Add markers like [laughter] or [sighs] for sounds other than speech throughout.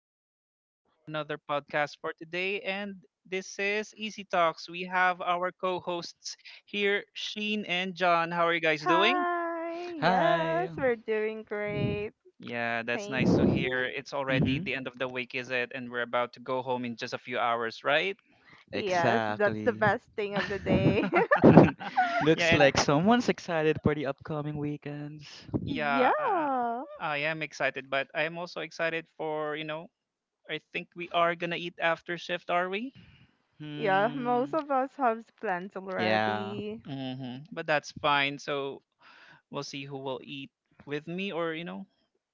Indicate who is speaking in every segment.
Speaker 1: Rain, for another podcast for today. And this is Easy Talks. We have our co hosts here, Sheen and John. How are you guys doing?
Speaker 2: Hi.
Speaker 3: Hi.
Speaker 2: Yes, we're doing great.
Speaker 1: Yeah, that's
Speaker 2: Thank
Speaker 1: nice to hear.
Speaker 2: you.
Speaker 1: It's already
Speaker 3: Mm-hmm.
Speaker 1: the end of the week, is it? And we're about to go home in just a few hours, right?
Speaker 2: Yes, that's the
Speaker 3: Exactly.
Speaker 2: best thing of the
Speaker 3: [laughs]
Speaker 2: day.
Speaker 1: [laughs]
Speaker 2: [laughs]
Speaker 3: Looks
Speaker 1: yeah, and
Speaker 3: like someone's excited for the upcoming weekends.
Speaker 1: yeah, I,
Speaker 2: Yeah.
Speaker 1: I am excited, but I am also excited for, I think we are gonna eat after shift, are we?
Speaker 2: Yeah, most
Speaker 3: Hmm.
Speaker 2: of us have plans
Speaker 3: Yeah.
Speaker 2: already.
Speaker 1: Hmm. But that's fine. So we'll see who will eat with me or,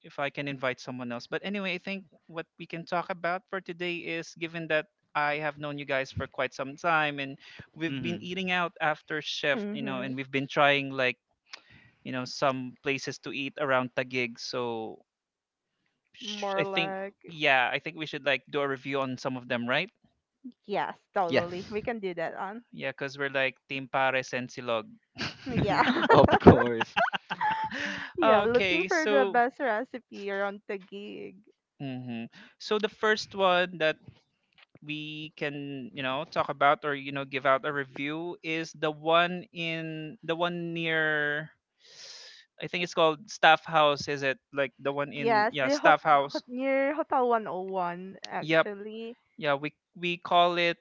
Speaker 1: if I can invite someone else. But anyway, I think what we can talk about for today is given that I have known you guys for quite some time and we've been
Speaker 3: Mm-hmm.
Speaker 1: eating out after shift, and
Speaker 2: Mhm.
Speaker 1: we've been trying like, some places to eat around Taguig. So sh- I
Speaker 2: More
Speaker 1: think,
Speaker 2: like
Speaker 1: yeah, I think we should like do a review on some of them, right?
Speaker 2: yes,
Speaker 3: Yes.
Speaker 2: totally. We can do that on.
Speaker 1: Yeah, because we're like Team Pares and Silog.
Speaker 2: Yeah.
Speaker 3: [laughs] of
Speaker 2: [laughs]
Speaker 3: course.
Speaker 1: [gasps] [sighs]
Speaker 2: Yeah, looking
Speaker 1: Okay,
Speaker 2: for the
Speaker 1: so,
Speaker 2: best recipe around the gig.
Speaker 1: Mm-hmm. So the first one that we can talk about or give out a review is the one in the one near, I think it's called Staff House, is it? Like the one in,
Speaker 2: Yes,
Speaker 1: yeah,
Speaker 2: the hot,
Speaker 1: Staff House.
Speaker 2: hot near Hotel 101
Speaker 1: Yep.
Speaker 2: actually.
Speaker 1: Yeah, we call it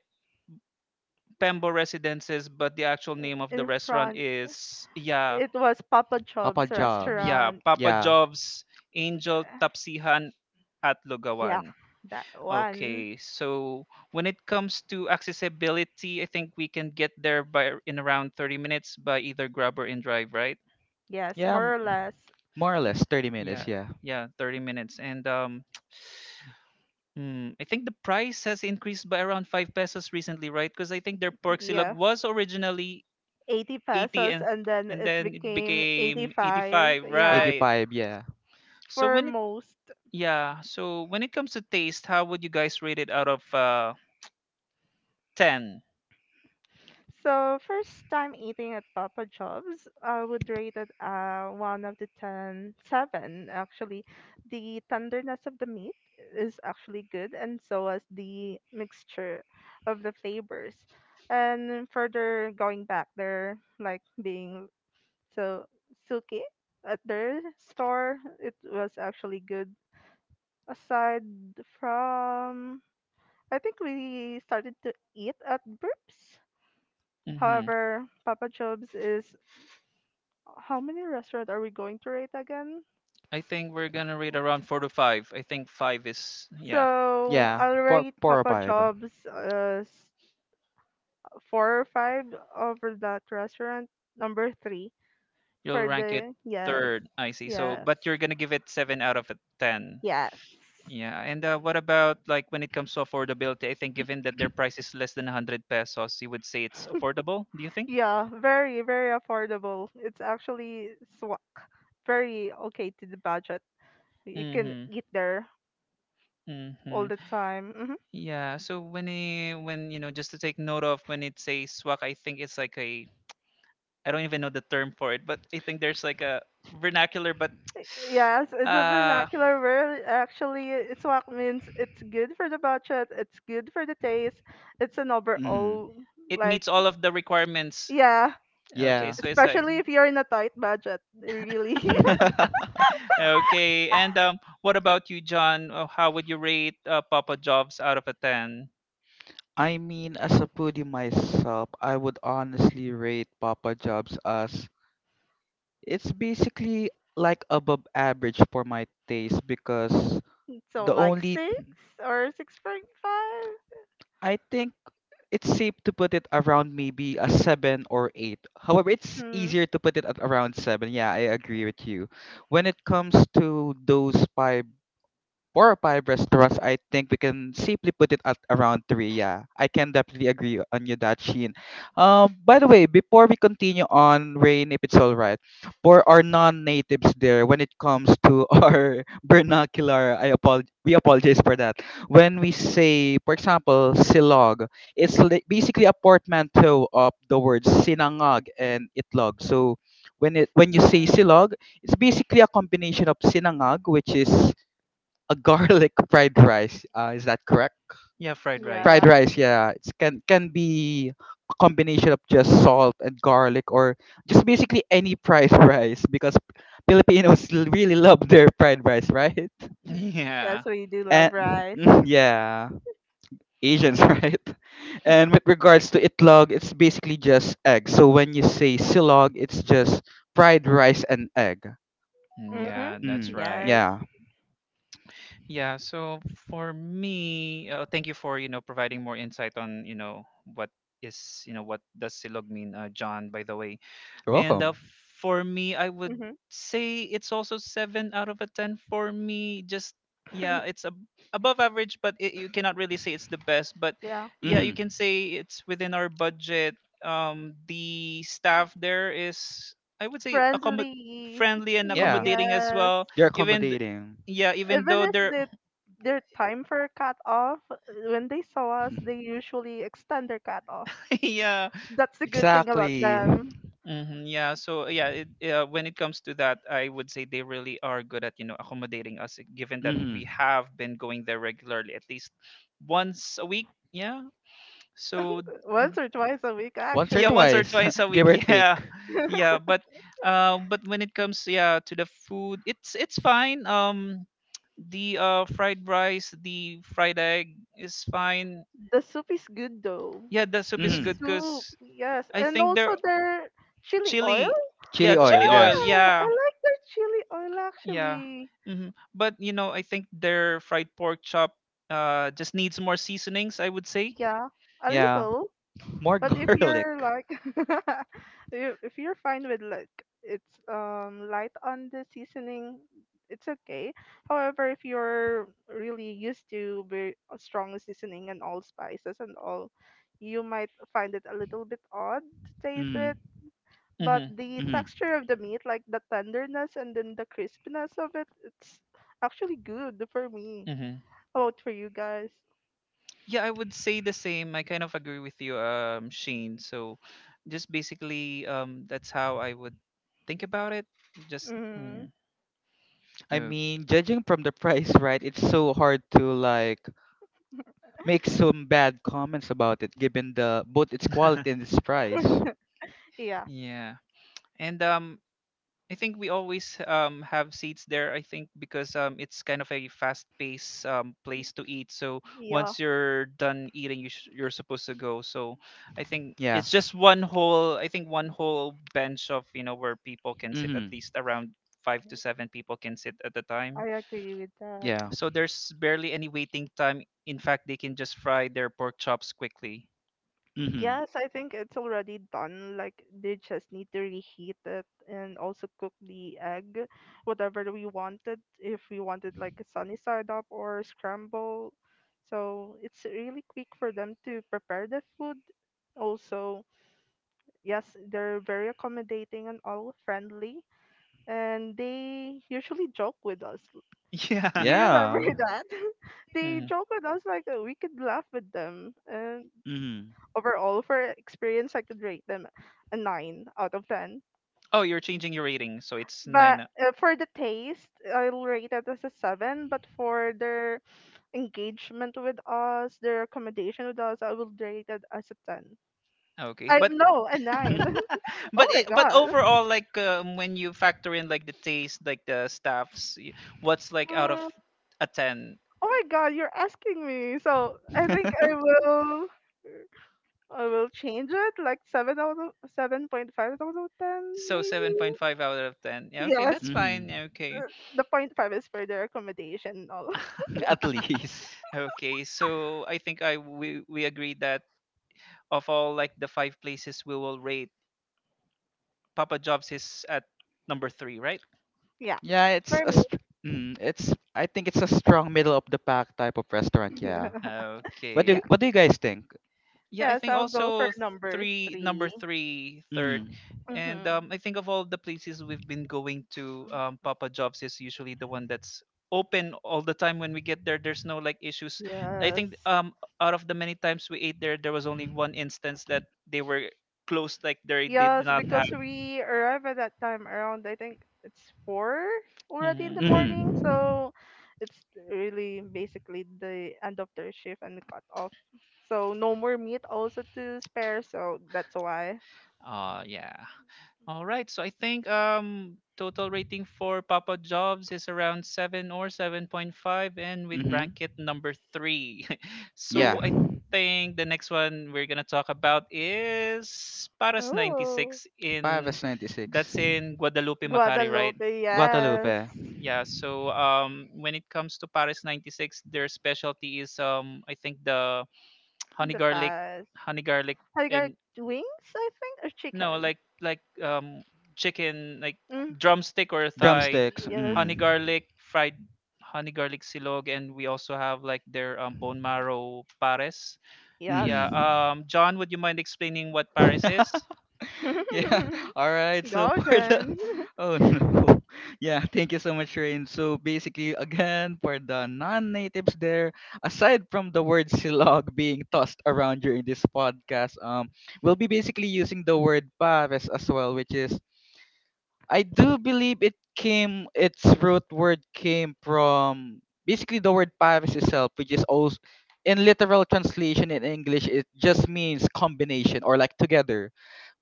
Speaker 1: Pembo Residences, but the actual name of the
Speaker 2: In
Speaker 1: restaurant
Speaker 2: front.
Speaker 1: is, yeah,
Speaker 2: It was Papa
Speaker 3: Papa
Speaker 2: Job's
Speaker 3: Jobs.
Speaker 1: yeah,
Speaker 2: restaurant.
Speaker 1: Papa
Speaker 3: Yeah.
Speaker 1: Job's Angel Tapsihan at
Speaker 2: Yeah,
Speaker 1: Lugawan.
Speaker 2: that one.
Speaker 1: Okay, so when it comes to accessibility, I think we can get there by, in around 30 minutes, by either Grab or InDrive, right?
Speaker 2: Yes,
Speaker 3: Yeah.
Speaker 2: more or less.
Speaker 3: More or less
Speaker 1: Y-
Speaker 3: 30 minutes.
Speaker 1: Yeah,
Speaker 3: Yeah.
Speaker 1: yeah, 30 minutes. And [tsk] I think the price has increased by around 5 pesos recently, right? Because I think their pork silog
Speaker 2: Yeah,
Speaker 1: was originally
Speaker 2: 80
Speaker 1: 80,
Speaker 2: pesos
Speaker 1: and
Speaker 2: and then
Speaker 1: and
Speaker 2: it
Speaker 1: then it
Speaker 2: became
Speaker 1: became
Speaker 2: 85.
Speaker 1: 85,
Speaker 2: Yeah,
Speaker 1: right?
Speaker 3: 85. Yeah.
Speaker 1: So
Speaker 2: for
Speaker 1: when it
Speaker 2: most.
Speaker 1: yeah, so when it comes to taste, how would you guys rate it out of 10?
Speaker 2: So first time eating at Papa Jobs, I would rate it one of the ten seven actually. The tenderness of the meat is actually good, and so is the mixture of the flavors. And further going back there, like being so suki at their store, it was actually good. Aside from, I think we started to eat at Burps. However, Papa Job's is how many restaurant are we going to rate again?
Speaker 1: I think we're gonna rate around four to five. I think five is, yeah.
Speaker 2: So
Speaker 3: Yeah.
Speaker 2: I'll
Speaker 3: Four,
Speaker 2: rate
Speaker 3: four or
Speaker 2: Papa
Speaker 3: five.
Speaker 2: Job's as four or five over that restaurant number three
Speaker 1: You'll
Speaker 2: for
Speaker 1: rank it
Speaker 2: the yes,
Speaker 1: third. I see. So,
Speaker 2: yes,
Speaker 1: but you're gonna give it seven out of a ten.
Speaker 2: yes.
Speaker 1: Yeah. And what about like when it comes to affordability? I think given that their price is less than 100 pesos, you would say it's affordable. Do you think?
Speaker 2: Yeah, very very affordable. It's actually swak, very okay to the budget. You can
Speaker 1: Mm-hmm.
Speaker 2: eat there
Speaker 1: Mm-hmm.
Speaker 2: all the time. Mm-hmm.
Speaker 1: Yeah. So when you know, just to take note of when it says swag, I think it's like a, I don't even know the term for it, but I think there's like a vernacular, but [sighs]
Speaker 2: Yes,
Speaker 1: [tsk]
Speaker 2: it's a
Speaker 1: uh
Speaker 2: vernacular word. Actually, iswak means it's good for the budget, it's good for the taste, it's an
Speaker 3: Mm-hmm.
Speaker 2: overall,
Speaker 1: it
Speaker 2: like,
Speaker 1: meets all of the requirements.
Speaker 2: yeah,
Speaker 1: Okay,
Speaker 3: Yeah.
Speaker 1: so it's like,
Speaker 2: especially if you're in a tight budget, really. [laughs]
Speaker 3: [laughs]
Speaker 1: okay. And what about you, John? How would you rate Papa Jobs out of a ten?
Speaker 3: I mean, as a foodie myself, I would honestly rate Papa Jobs as it's basically like above average for my taste because
Speaker 2: So,
Speaker 3: the
Speaker 2: like
Speaker 3: only
Speaker 2: six or 6.5?
Speaker 3: I think it's safe to put it around maybe a 7 or 8. However, it's
Speaker 2: Mm.
Speaker 3: easier to put it at around 7. Yeah, I agree with you. When it comes to those five four or five restaurants, I think we can safely put it at around 3. Yeah, I can definitely agree on you that, Sheen. By the way, before we continue on, Rain, if it's all right, for our non-natives there, when it comes to [laughs] our vernacular, I apologize. We apologize for that. When we say, for example, silog, it's basically a portmanteau of the words sinangag and itlog. So when
Speaker 2: Mm-hmm.
Speaker 3: you say
Speaker 2: Mm-hmm.
Speaker 3: silog, it's basically a combination of sinangag, which is a garlic [laughs] fried rice. Is that correct?
Speaker 1: Yeah, fried rice.
Speaker 3: Fried
Speaker 2: Yeah.
Speaker 1: [laughs]
Speaker 3: rice, yeah. It can be a combination of just salt and garlic, or just basically any fried [laughs] rice, because Filipinos really love their fried rice, right?
Speaker 2: Yes,
Speaker 1: Yeah.
Speaker 2: we do love
Speaker 3: And
Speaker 2: rice.
Speaker 3: [laughs] yeah, Asians, [laughs] right? And with regards to itlog, it's basically just egg. So when you say silog, it's just fried rice and egg.
Speaker 2: Mm-hmm.
Speaker 1: Yeah, that's
Speaker 3: Mm,
Speaker 1: right.
Speaker 2: Yes.
Speaker 3: yeah.
Speaker 1: Yeah, so for me, thank you for, providing more insight on, what is, you know, what does silog mean, John, by the way.
Speaker 3: You're
Speaker 1: And
Speaker 3: welcome.
Speaker 1: for me, I would
Speaker 2: Mm-hmm.
Speaker 1: say it's also seven out of a ten for me. Just, yeah, it's ab above average, but you cannot really say it's the best. But
Speaker 2: Yeah.
Speaker 1: yeah, you
Speaker 3: Hmm.
Speaker 1: can say it's within our budget. The staff there is, I would say, accommod
Speaker 2: Friendly.
Speaker 1: friendly and
Speaker 3: Yeah.
Speaker 1: accommodating as
Speaker 2: Yes.
Speaker 1: well.
Speaker 3: You are
Speaker 1: Even th-
Speaker 3: accommodating.
Speaker 1: yeah, even
Speaker 2: Even
Speaker 1: though
Speaker 2: if
Speaker 1: they're
Speaker 2: they their time for cut off, when they saw us, they
Speaker 3: [laughs]
Speaker 2: usually extend their cut off.
Speaker 1: [laughs] yeah.
Speaker 2: That's the good thing about
Speaker 3: Exactly.
Speaker 2: them.
Speaker 1: Hmm. Yeah. So yeah, when it comes to that, I would say they really are good at accommodating us, given that we
Speaker 3: Mm-hmm.
Speaker 1: have been going there regularly, at least once a week. Yeah. So
Speaker 2: Once or twice a week,
Speaker 3: Once or
Speaker 1: yeah,
Speaker 2: actually.
Speaker 1: once or
Speaker 3: twice,
Speaker 1: twice a
Speaker 3: [laughs] give
Speaker 1: week.
Speaker 3: or take.
Speaker 1: Yeah, [laughs] yeah.
Speaker 2: [laughs]
Speaker 1: But when it comes, yeah, to the food, it's fine. The fried rice, the fried egg is fine.
Speaker 2: The soup is good though.
Speaker 1: Yeah, the soup
Speaker 2: The
Speaker 1: is
Speaker 3: Mm-hmm.
Speaker 1: good
Speaker 2: soup,
Speaker 1: because
Speaker 2: yes,
Speaker 1: I
Speaker 2: and
Speaker 1: think
Speaker 2: also
Speaker 1: they're
Speaker 2: their chili
Speaker 1: chili.
Speaker 2: oil.
Speaker 1: Yeah,
Speaker 3: Chili oil,
Speaker 1: chili oil.
Speaker 3: yes.
Speaker 2: Yeah, I
Speaker 1: Yeah.
Speaker 2: like their chili oil
Speaker 1: Yeah.
Speaker 2: actually.
Speaker 1: hmm But I think their fried pork chop just needs more seasonings, I would say.
Speaker 2: Yeah, a
Speaker 3: Yeah,
Speaker 2: little.
Speaker 3: more [laughs]
Speaker 2: But
Speaker 1: Mm.
Speaker 2: if
Speaker 3: garlic.
Speaker 2: you're like, [laughs] if you're fine with like it's light on the seasoning, it's okay. However, if you're really used to very strong seasoning and all spices and all, you might find it a little bit odd to taste it.
Speaker 3: Mm-hmm.
Speaker 2: But
Speaker 1: Mhm.
Speaker 2: the
Speaker 3: Mm-hmm.
Speaker 2: texture of the meat, like the tenderness and then the crispiness of it, it's actually good for me.
Speaker 1: Mhm.
Speaker 2: How about for you guys?
Speaker 1: Yeah, I would say the same. I kind of agree with you, Shane. So, just basically, that's how I would think about it. Just
Speaker 2: Hmm.
Speaker 1: mm.
Speaker 3: I
Speaker 1: Oh.
Speaker 3: mean, judging from the price, right, it's so hard to like make some bad comments about it, given the both its
Speaker 1: [laughs]
Speaker 3: quality and its price.
Speaker 2: Yeah.
Speaker 1: Yeah. And I think we always have seats there. I think because it's kind of a fast-paced place to eat. So
Speaker 2: Yeah,
Speaker 1: once you're done eating, you're supposed to go. So I think
Speaker 3: Yeah.
Speaker 1: it's just one whole. I think one whole bench of where people can sit. At
Speaker 3: Mm-hmm.
Speaker 1: least around five to seven people can sit at a
Speaker 2: I
Speaker 1: time.
Speaker 2: agree with that.
Speaker 3: Yeah.
Speaker 1: So there's barely any waiting time. In fact, they can just fry their pork chops quickly.
Speaker 3: Mm-hmm.
Speaker 2: Yes, I think it's already done. Like they just need to reheat it and also cook the egg, whatever we wanted. If we wanted like a sunny side up or scramble, so it's really quick for them to prepare the food. Also, yes, they're very accommodating and all friendly, and they usually joke with us.
Speaker 1: [laughs]
Speaker 2: You
Speaker 1: Yeah.
Speaker 2: remember
Speaker 3: Yeah.
Speaker 2: [laughs] that? [laughs] They
Speaker 1: Mm.
Speaker 2: joke with us like we could laugh with them. And
Speaker 3: Mm-hmm.
Speaker 2: overall, for experience, I could rate them a 9 out of 10.
Speaker 1: Oh, you're changing your rating, so it's nine.
Speaker 2: But for the taste, I'll rate it as a 7. But for their engagement with us, their accommodation with us, I will rate it as a 10.
Speaker 1: Okay,
Speaker 2: I
Speaker 1: but
Speaker 2: no, a 9.
Speaker 1: [laughs]
Speaker 2: [laughs] Oh
Speaker 1: but
Speaker 2: my god.
Speaker 1: overall, like, when you factor in like the taste, like the staffs what's like out of
Speaker 2: Mm,
Speaker 1: a 10.
Speaker 2: oh my god, you're asking me. So I think I will. I will change it like seven out of 7.5 out of 10,
Speaker 1: So
Speaker 2: maybe.
Speaker 1: 7.5 out of 10. Yeah, okay,
Speaker 3: [laughs]
Speaker 2: Yes,
Speaker 1: that's
Speaker 3: Mm-hmm.
Speaker 1: fine. Yeah, okay.
Speaker 2: uh, the point five is for their accommodation and all. [laughs]
Speaker 3: At
Speaker 1: [laughs]
Speaker 3: least.
Speaker 1: Okay. So I think, I we agree that of all, like, the five places we will rate, Papa Jobs is at number three, right?
Speaker 2: Yeah,
Speaker 3: Yeah, it's
Speaker 2: for
Speaker 3: a
Speaker 2: me.
Speaker 3: it's I think it's a strong middle of the pack type of restaurant. Yeah. What do
Speaker 2: Yeah,
Speaker 1: Okay.
Speaker 3: What do you guys think?
Speaker 1: Yeah, I
Speaker 2: yes,
Speaker 1: think
Speaker 2: I'll go for
Speaker 1: also
Speaker 2: number
Speaker 1: three, number
Speaker 2: three.
Speaker 1: three, third.
Speaker 3: Mm.
Speaker 1: and
Speaker 2: Mm-hmm.
Speaker 1: um, I think of all the places we've been going to, Papa Jobs is usually the one that's open all the time when we get there. There's no, like, issues. I think,
Speaker 2: Yes,
Speaker 1: out of the many times we ate there, there was only one instance that they were closed, like, they did
Speaker 2: yes,
Speaker 1: not have.
Speaker 2: because we arrive at that time around. I think it's 4 already in the
Speaker 1: Mhm.
Speaker 2: morning,
Speaker 3: Mm.
Speaker 2: so it's really basically the end of their shift and the cut off. So no more meat also to spare. So that's why.
Speaker 1: Oh yeah. All right. So I think total rating for Papa Jobs is around 7 or 7.5, and with
Speaker 3: Mm-hmm.
Speaker 1: bracket number three. [laughs]
Speaker 3: Yeah.
Speaker 1: So I think the next one we're gonna talk about is Paras ninety
Speaker 2: Oh,
Speaker 1: six
Speaker 3: Five
Speaker 1: in
Speaker 3: is 96.
Speaker 1: that's in Guadalupe Macari, right?
Speaker 2: Guadalupe,
Speaker 3: Guadalupe.
Speaker 2: yes.
Speaker 1: Yeah. So when it comes to Paris 96, their specialty is I think the [tsk] honey
Speaker 2: The
Speaker 1: garlic,
Speaker 2: past.
Speaker 1: honey garlic.
Speaker 2: Have you got
Speaker 1: And
Speaker 2: wings, I think, or
Speaker 1: no,
Speaker 2: chicken?
Speaker 1: like, chicken, like
Speaker 2: Mm,
Speaker 1: drumstick or thigh,
Speaker 3: Drumsticks.
Speaker 2: yes,
Speaker 1: honey
Speaker 3: Mm.
Speaker 1: garlic fried honey garlic silog, and we also have like their bone marrow pares.
Speaker 2: yes.
Speaker 1: Yeah.
Speaker 3: Mm-hmm.
Speaker 1: John, would you mind explaining what pares is?
Speaker 3: [laughs] [laughs] Yeah.
Speaker 2: [laughs]
Speaker 3: All right. So
Speaker 2: Go,
Speaker 3: for the
Speaker 2: Jen.
Speaker 3: [laughs] Oh no. Yeah, thank you so much, Rain. So basically, again, for the non-natives there, aside from the word silog being tossed around during this podcast, we'll be basically using the word pares as well, which is I do believe it came its root word came from basically the word Paris itself, which is also in literal translation in English it just means combination or like together.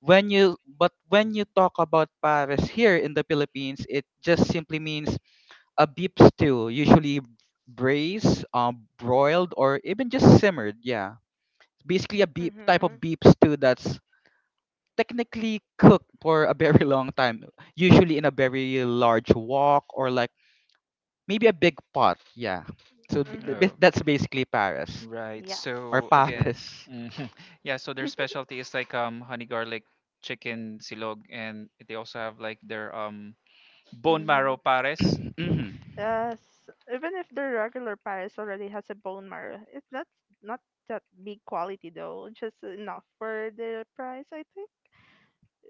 Speaker 3: When you but when you talk about Paris here in the Philippines, it just simply means a beef stew, usually braised, broiled, or even just simmered. Yeah, basically a beef type
Speaker 2: Mm-hmm.
Speaker 3: of beef stew that's technically cook for a very [laughs] long time, usually in a very large wok or like maybe a big pot. Yeah. So
Speaker 2: Mm-hmm.
Speaker 1: Oh.
Speaker 3: that's basically Paris
Speaker 1: Right.
Speaker 2: Yes.
Speaker 3: or
Speaker 1: So again.
Speaker 3: Paris.
Speaker 1: Mhm.
Speaker 3: [coughs]
Speaker 1: [laughs] Yeah. So their specialty is like honey garlic chicken silog, and they also have like their bone
Speaker 2: Mm-hmm.
Speaker 1: marrow pares.
Speaker 3: [clears throat] hmm.
Speaker 2: Yes, even if the regular Paris already has a bone marrow, it's not that big quality though, just enough for the price, I think.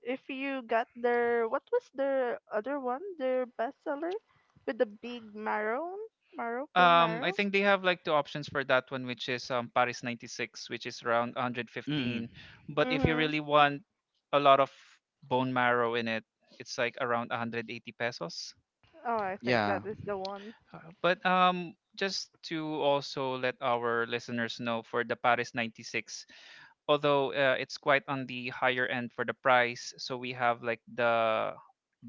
Speaker 2: If you got their what was their other one, their bestseller with the big marrow, marrow bone
Speaker 1: I
Speaker 2: marrow.
Speaker 1: think they have like two options for that one, which is Paris 96, which is around
Speaker 3: Hmm.
Speaker 1: 115. But if you
Speaker 2: Mhm.
Speaker 1: really want a lot of bone marrow in it, it's like around 180 pesos.
Speaker 2: Oh, I think
Speaker 3: Yeah.
Speaker 2: that is the one.
Speaker 1: But just to also let our listeners know for the Paris 96, although it's quite on the higher end for the price, so we have like the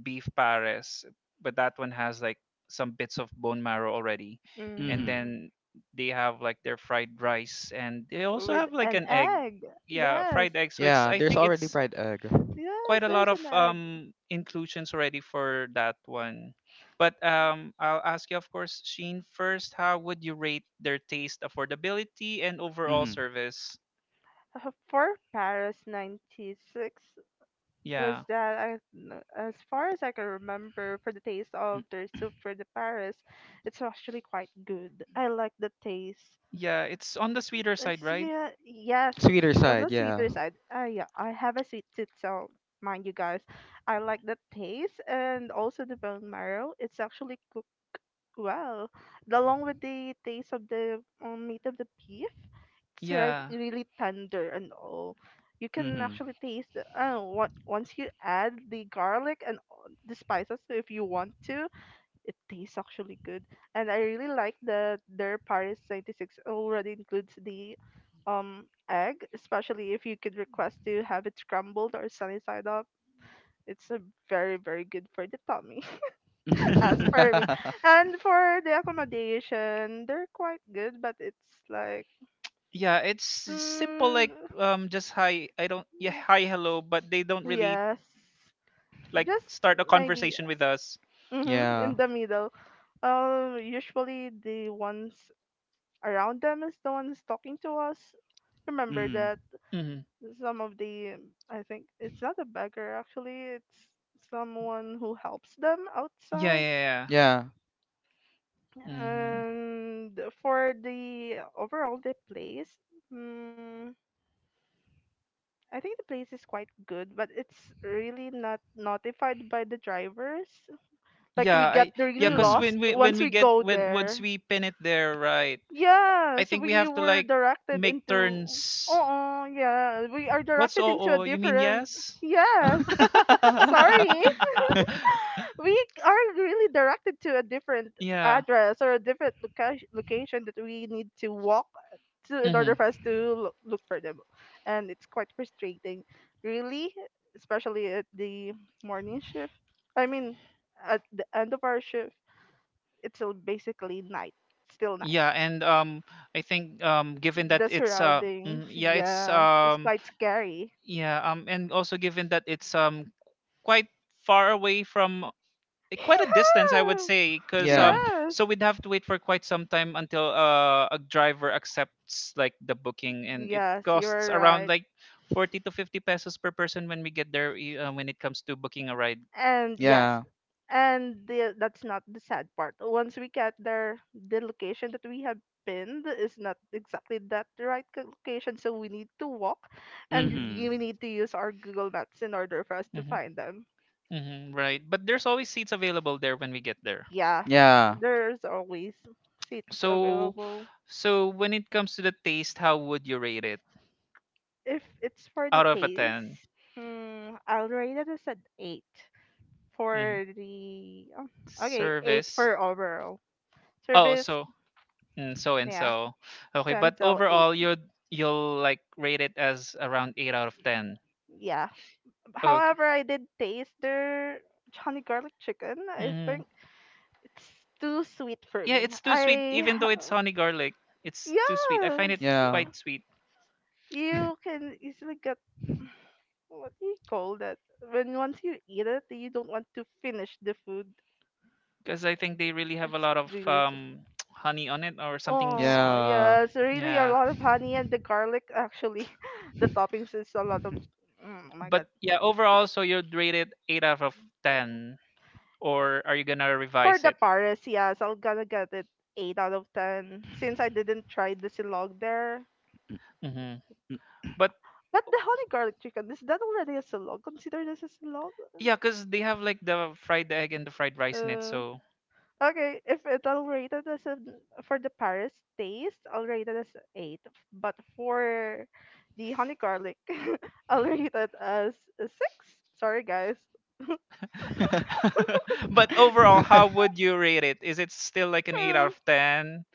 Speaker 1: beef pares, but that one has like some bits of bone marrow already. And
Speaker 3: Hmm.
Speaker 2: Mhm.
Speaker 1: then they have like their fried rice and they also
Speaker 2: With
Speaker 1: have like
Speaker 2: an
Speaker 1: an egg.
Speaker 2: egg.
Speaker 1: Yeah,
Speaker 2: Yes,
Speaker 1: fried egg. So it's
Speaker 3: Yeah.
Speaker 1: I
Speaker 3: There's
Speaker 1: think
Speaker 3: already
Speaker 1: it's
Speaker 3: fried egg.
Speaker 2: yes,
Speaker 1: quite a lot
Speaker 2: there's
Speaker 1: of
Speaker 2: an egg.
Speaker 1: inclusions already for that one. But I'll ask you, of course, Sheen, first, how would you rate their taste, affordability and overall
Speaker 3: Hmm.
Speaker 1: service?
Speaker 2: For Paris 96 was
Speaker 1: Yeah.
Speaker 2: that as far as I can remember, for the taste of their soup for the Paris, it's actually quite good. I like the taste.
Speaker 1: Yeah, it's on the sweeter side,
Speaker 2: It's-
Speaker 1: right?
Speaker 2: Yeah, yes, it's
Speaker 3: Sweeter
Speaker 2: on
Speaker 3: side.
Speaker 2: the
Speaker 3: Yeah.
Speaker 2: sweeter side. Yeah, I have a sweet tooth, so mind you guys, I like the taste and also the bone marrow. It's actually well, along with the taste of the meat of the beef, it's
Speaker 1: Yeah.
Speaker 2: really tender and all. You can
Speaker 3: Hmm.
Speaker 2: actually taste the, I don't know, what, once you add the garlic and all the spices so if you want to, it tastes actually good. And I really like that their Paris 96 already includes the egg, especially if you could request to have it scrambled or sunny side up. It's a very, very good for the tummy. As
Speaker 1: [laughs]
Speaker 2: for me.
Speaker 3: [laughs]
Speaker 2: And for the accommodation, they're quite good, but it's like,
Speaker 1: yeah, it's simple,
Speaker 2: mm,
Speaker 1: like, just hi, I don't, yeah,
Speaker 2: yeah.
Speaker 1: hi, hello, but they don't really,
Speaker 2: Yes,
Speaker 1: like,
Speaker 2: just
Speaker 1: start a
Speaker 2: maybe
Speaker 1: conversation with us.
Speaker 2: Mm-hmm, in
Speaker 3: Yeah.
Speaker 2: the middle. Usually the ones around them is the ones talking to us. Remember
Speaker 3: Hmm.
Speaker 2: that
Speaker 1: Hmm.
Speaker 2: some of the, I think it's not a beggar actually, it's someone who helps them
Speaker 1: Yeah,
Speaker 2: outside.
Speaker 1: yeah, yeah.
Speaker 3: Yeah.
Speaker 1: Hmm.
Speaker 2: And for the overall, the place, mm, I think the place is quite good, but it's really not notified by the drivers. Like we
Speaker 1: Yeah.
Speaker 2: got
Speaker 1: I Yeah,
Speaker 2: really
Speaker 1: because
Speaker 3: Mm.
Speaker 2: lost
Speaker 1: when
Speaker 2: once
Speaker 1: we
Speaker 2: we
Speaker 1: get
Speaker 2: go
Speaker 1: when once
Speaker 2: there.
Speaker 1: we pin it there, right?
Speaker 2: Yeah,
Speaker 1: I
Speaker 2: so
Speaker 1: think we
Speaker 2: we
Speaker 1: have to,
Speaker 2: were
Speaker 1: like,
Speaker 2: directed
Speaker 1: make
Speaker 2: into.
Speaker 1: turns.
Speaker 2: Oh, yeah, we are
Speaker 1: What's
Speaker 2: directed
Speaker 1: Oh,
Speaker 2: into a
Speaker 1: oh, you mean,
Speaker 2: different.
Speaker 1: yes.
Speaker 2: Yes, sorry.
Speaker 3: [laughs]
Speaker 1: [laughs]
Speaker 2: We are really directed to a different
Speaker 1: Yeah.
Speaker 2: address or a different location that we need to walk to in order
Speaker 1: Hmm.
Speaker 2: for us to look for them, and it's quite frustrating, really, especially at the morning shift. I mean, at the end of our shift, it's still basically night. Still night.
Speaker 1: Yeah, and I think, given that
Speaker 2: The
Speaker 1: it's,
Speaker 2: surroundings,
Speaker 1: mm, yeah, it's,
Speaker 2: yeah, it's quite scary.
Speaker 1: Yeah, and also given that it's quite far away from, quite a distance, I would say,
Speaker 2: [laughs]
Speaker 1: because,
Speaker 2: Yeah,
Speaker 3: Yeah.
Speaker 2: yes,
Speaker 1: so we'd have to wait for quite some time until, a driver accepts like the booking, and it
Speaker 2: yes,
Speaker 1: costs
Speaker 2: you're
Speaker 1: around
Speaker 2: right.
Speaker 1: like 40 to 50 pesos per person when we get there. When it comes to booking a ride,
Speaker 2: And yes,
Speaker 3: Yeah.
Speaker 2: and that's not the sad part. Once we get there, the location that we have pinned is not exactly that the right location, so we need to walk, and
Speaker 3: Mhm.
Speaker 2: we need to use our Google Maps in order for us to
Speaker 1: hmm,
Speaker 2: find them.
Speaker 1: hmm, right? But there's always seats available there when we get there.
Speaker 2: Yeah,
Speaker 3: Yeah.
Speaker 2: there's always seats
Speaker 1: So,
Speaker 2: available.
Speaker 1: so, when it comes to the taste, how would you rate it
Speaker 2: If it's for the
Speaker 1: out of a 10?
Speaker 2: taste, I'll rate it as an eight
Speaker 1: Mm-hmm.
Speaker 2: for the oh, okay eight
Speaker 1: Service.
Speaker 2: for overall
Speaker 1: Oh,
Speaker 2: service.
Speaker 1: so and so and
Speaker 2: Yeah,
Speaker 1: so. Okay,
Speaker 2: ten
Speaker 1: but
Speaker 2: so eight.
Speaker 1: overall, you'll like rate it as around eight out of ten.
Speaker 2: Yeah.
Speaker 1: Okay.
Speaker 2: However, I did taste their honey garlic chicken. I
Speaker 1: hmm
Speaker 2: think it's too sweet for
Speaker 1: Yeah,
Speaker 2: me.
Speaker 1: it's too sweet. Even though it's honey garlic, it's too sweet. I find it
Speaker 2: Yes,
Speaker 3: Yeah.
Speaker 1: quite sweet
Speaker 2: you
Speaker 3: [laughs]
Speaker 2: can easily get what do you call that? When once you eat it, you don't want to finish the food.
Speaker 1: because I think they really have a
Speaker 2: It's
Speaker 1: lot of
Speaker 2: really s-
Speaker 1: [tsk] honey on it or something's.
Speaker 2: oh
Speaker 3: Yeah.
Speaker 2: yes, really a
Speaker 1: Yeah,
Speaker 2: lot of honey and the garlic. Actually, [laughs] the toppings is a lot of. Mm, oh my god,
Speaker 1: but yeah, overall, so you'd rate it eight out of ten, or are you gonna
Speaker 2: for
Speaker 1: revise
Speaker 2: the
Speaker 1: it?
Speaker 2: Paris, yes, I'm gonna get it 8 out of 10 since I didn't try the silog there.
Speaker 1: Mm-hmm. But
Speaker 2: But the honey garlic chicken, is that already a silog? Consider this a silog?
Speaker 1: yeah, cause they have like the fried egg and the fried rice in it,
Speaker 2: Uh,
Speaker 1: so
Speaker 2: okay, if it I'll rate it as an for the Paris taste, I'll rate it as a eight. But for the honey garlic, [laughs] I'll rate it as a six. Sorry, guys.
Speaker 3: [laughs]
Speaker 1: [laughs] but overall, how would you rate it? Is it still like an 8 out
Speaker 2: Hmm.
Speaker 1: of 10?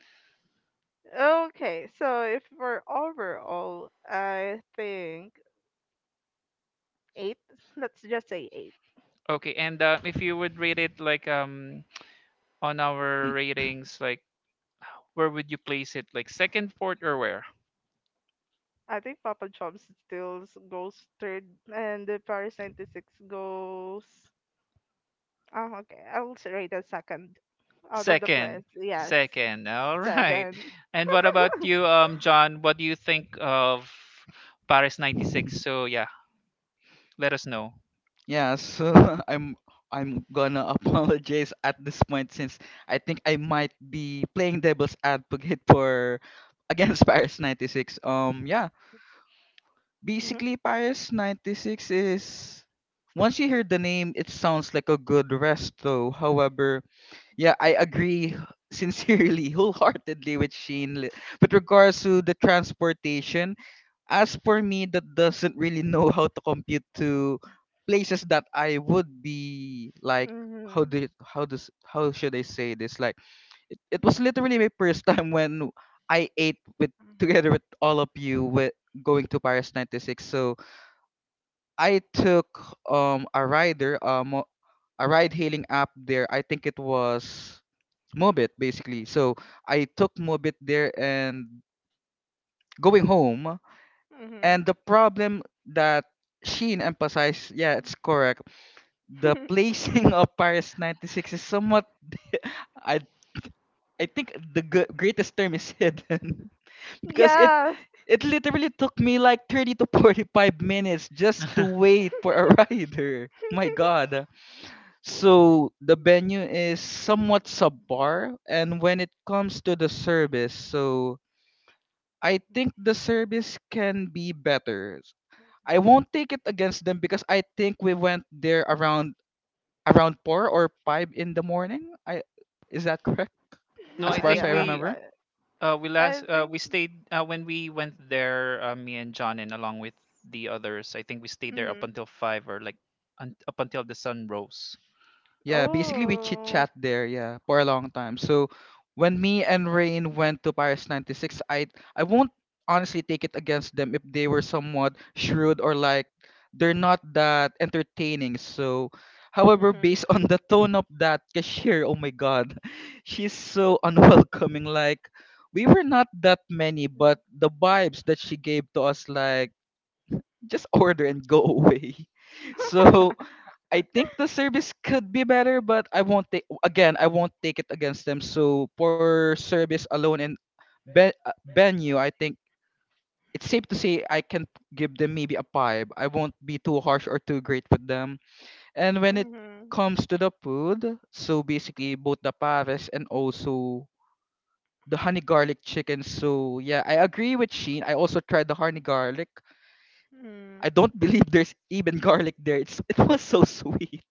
Speaker 2: Okay, so if for overall, I think eight. [laughs] Let's just say eight.
Speaker 1: Okay, and if you would rate it like on our
Speaker 3: Mm.
Speaker 1: ratings, like, where would you place it? Like second, fourth, or where?
Speaker 2: I think Papa Chomps still goes third, and the Paris 96 goes. Oh, okay. I'll rate as second out of the
Speaker 1: Second.
Speaker 2: plans. Yes,
Speaker 1: Second. All right.
Speaker 2: second. [laughs]
Speaker 1: And what about you, John? What do you think of Paris 96? So yeah, let us know.
Speaker 3: Yeah, so [laughs] I'm I'm gonna [laughs] apologize at this point since I think I might be playing devil's advocate for [laughs] against Paris 96. Yeah.
Speaker 2: Hmm.
Speaker 3: Basically, Paris 96 is, once you hear the name, it sounds like a good resto. However, yeah, I agree [laughs] sincerely, wholeheartedly with Shane, with regards to the transportation. As for me, that doesn't really [laughs] know how to compute to places that I would be like.
Speaker 2: Hmm.
Speaker 3: How do you- how does how should I say this, like, it was literally my first [laughs] time when I ate with together with all of you with going to Paris 96. So I took a rider, a ride hailing app there. I think it was Mobit, basically. So I took Mobit there and going home.
Speaker 2: Hmm.
Speaker 3: And the problem that Sheen emphasized, yeah, it's correct. The placing [laughs] of Paris 96 is somewhat [laughs] I I think the greatest term is hidden [laughs]
Speaker 2: [laughs]
Speaker 3: because it
Speaker 2: Yeah.
Speaker 3: it literally took me like 30 to 45 minutes just to
Speaker 1: [laughs]
Speaker 3: wait for a [laughs] rider. My god. So the venue is somewhat subpar, and when it comes to the service, so I think the service can be better. I won't take it against them because I think we went there around four or five in the morning. I Is that [laughs] correct?
Speaker 1: No,
Speaker 2: [laughs]
Speaker 3: As
Speaker 1: I
Speaker 3: far as
Speaker 1: think
Speaker 3: I
Speaker 2: Yeah,
Speaker 1: we
Speaker 3: remember.
Speaker 2: yeah.
Speaker 1: Uh, we
Speaker 2: I
Speaker 1: last,
Speaker 2: think.
Speaker 1: we stayed, when we went there. Me and John, and along with the others, I think we stayed there up
Speaker 2: Mm-hmm.
Speaker 1: until five, or like up until the sun rose.
Speaker 3: Yeah, basically we chit
Speaker 2: Oh.
Speaker 3: chat there, yeah, for a long time. So when me and Rain went to Paris '96, I won't honestly take it against them if they were somewhat shrewd or like they're not that entertaining. So, however,
Speaker 2: Mm-hmm.
Speaker 3: based [laughs] on the tone of that cashier, oh my God, [laughs] she's so unwelcoming. Like we were not that many, but the vibes that she gave to us, like just [laughs] order and go away. [laughs] So I think the service could be better, but I won't take again. I won't take it against them. So poor service alone and venue. I think it's safe to say I can give them maybe a 5. I won't be too harsh or too great with them. And
Speaker 2: [laughs]
Speaker 3: when it
Speaker 2: Mm-hmm.
Speaker 3: comes to the food, so basically both the Paris and also the honey garlic chicken. So yeah, I agree with Sheen. I also tried the honey garlic.
Speaker 2: Mm.
Speaker 3: I don't [laughs] believe there's even garlic there. It was so [laughs] sweet.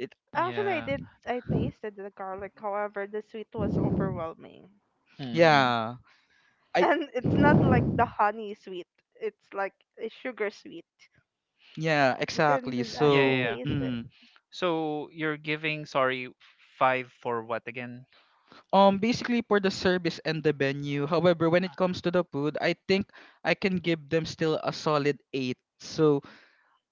Speaker 3: It
Speaker 2: Actually, I
Speaker 1: Yeah.
Speaker 2: did. I tasted the garlic. However, the sweet was overwhelming,
Speaker 1: Mm-hmm.
Speaker 3: Yeah.
Speaker 2: [laughs]
Speaker 3: I
Speaker 2: and it's not like the honey sweet. It's like a sugar sweet.
Speaker 3: Yeah,
Speaker 2: You
Speaker 3: exactly.
Speaker 2: can
Speaker 1: Yeah,
Speaker 2: actually
Speaker 1: yeah.
Speaker 3: So,
Speaker 1: Yeah.
Speaker 2: taste it.
Speaker 1: So you're giving, sorry, five for what again?
Speaker 3: basically for the service and the venue. However, when it comes to the food, I think I can give them still a solid 8. So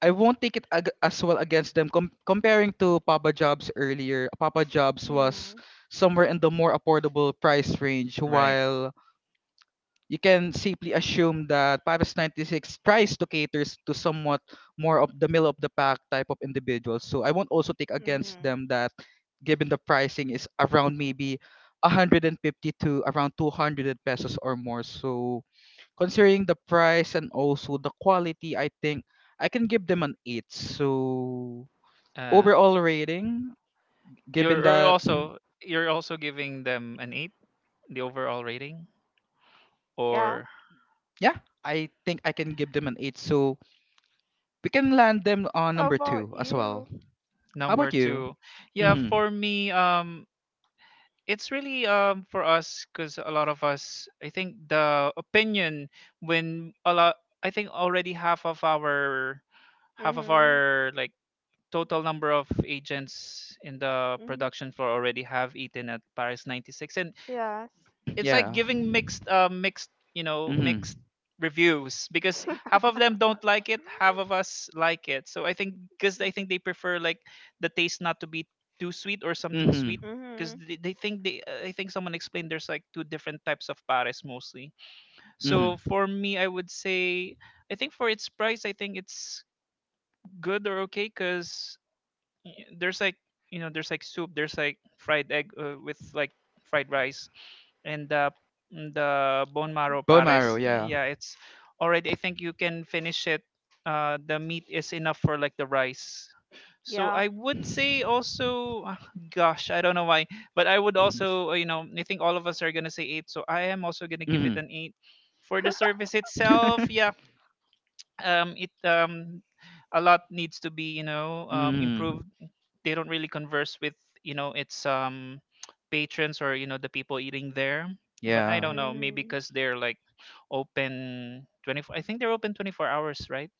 Speaker 3: I won't take it as well against them. Comparing to Papa Jobs earlier, Papa Jobs was
Speaker 2: Mm.
Speaker 3: somewhere in the more affordable price range,
Speaker 1: Right.
Speaker 3: while you can simply assume that Paris 96 tries to cater to somewhat more of the middle of the pack type of individuals. So I won't also take against
Speaker 2: Mhm.
Speaker 3: them that given the pricing is around maybe 150 to around 200 pesos or more. So considering the price and also the quality, I think I can give them an 8. So
Speaker 1: Uh,
Speaker 3: overall rating, given
Speaker 1: you're you're
Speaker 3: that. Mhm.
Speaker 1: also you're also giving them an eight, the overall rating,
Speaker 2: Yeah.
Speaker 1: or
Speaker 3: Yeah, I think I can give them an 8. So we can land them on
Speaker 2: How
Speaker 3: number
Speaker 2: about
Speaker 3: 2 as
Speaker 2: you?
Speaker 3: well. How
Speaker 1: number
Speaker 3: about you?
Speaker 1: two? Yeah,
Speaker 3: Mm-hmm.
Speaker 1: for me, it's really, for us, because a lot of us, I think, the opinion when a lot... I think already half of
Speaker 2: Mhm.
Speaker 1: our like total number of agents in the
Speaker 2: Mhm.
Speaker 1: production floor already have eaten at Paris 96, and
Speaker 2: Yes.
Speaker 1: it's like
Speaker 3: Yeah.
Speaker 1: giving mixed mixed you know
Speaker 3: Mm-hmm.
Speaker 1: mixed reviews, because half of them don't like it, half of us like it. So I think, because I think they prefer, like, the taste not to be too sweet or something sweet,
Speaker 3: Mm-hmm.
Speaker 1: because
Speaker 2: Mhm.
Speaker 1: they think they... I think someone explained there's like two different types of pares mostly. So
Speaker 3: Mm-hmm.
Speaker 1: for me I would say, I think for its price, I think it's good or okay, because there's like, there's like soup, there's like fried egg, with like fried rice, and the bone marrow
Speaker 3: Bone
Speaker 2: Mhm.
Speaker 3: marrow,
Speaker 1: pares.
Speaker 3: yeah.
Speaker 1: Yeah, it's already. I think you can finish it. The meat is enough for like the rice. So
Speaker 2: Yeah.
Speaker 1: I would say also, [sighs] ah, gosh, I don't know why, but I would also, I think all of us are gonna say eight. So I am also gonna give it
Speaker 3: Mm-hmm.
Speaker 1: an eight for the service itself. Yeah,
Speaker 3: [laughs]
Speaker 1: it, a lot needs to be,
Speaker 3: Mm-hmm.
Speaker 1: improved. They don't really converse with, its [tsk] patrons, or the people eating there. But I
Speaker 3: Yeah.
Speaker 1: don't know, maybe
Speaker 2: Mhm.
Speaker 1: because they're like open 24, I think they're open 24 hours, right?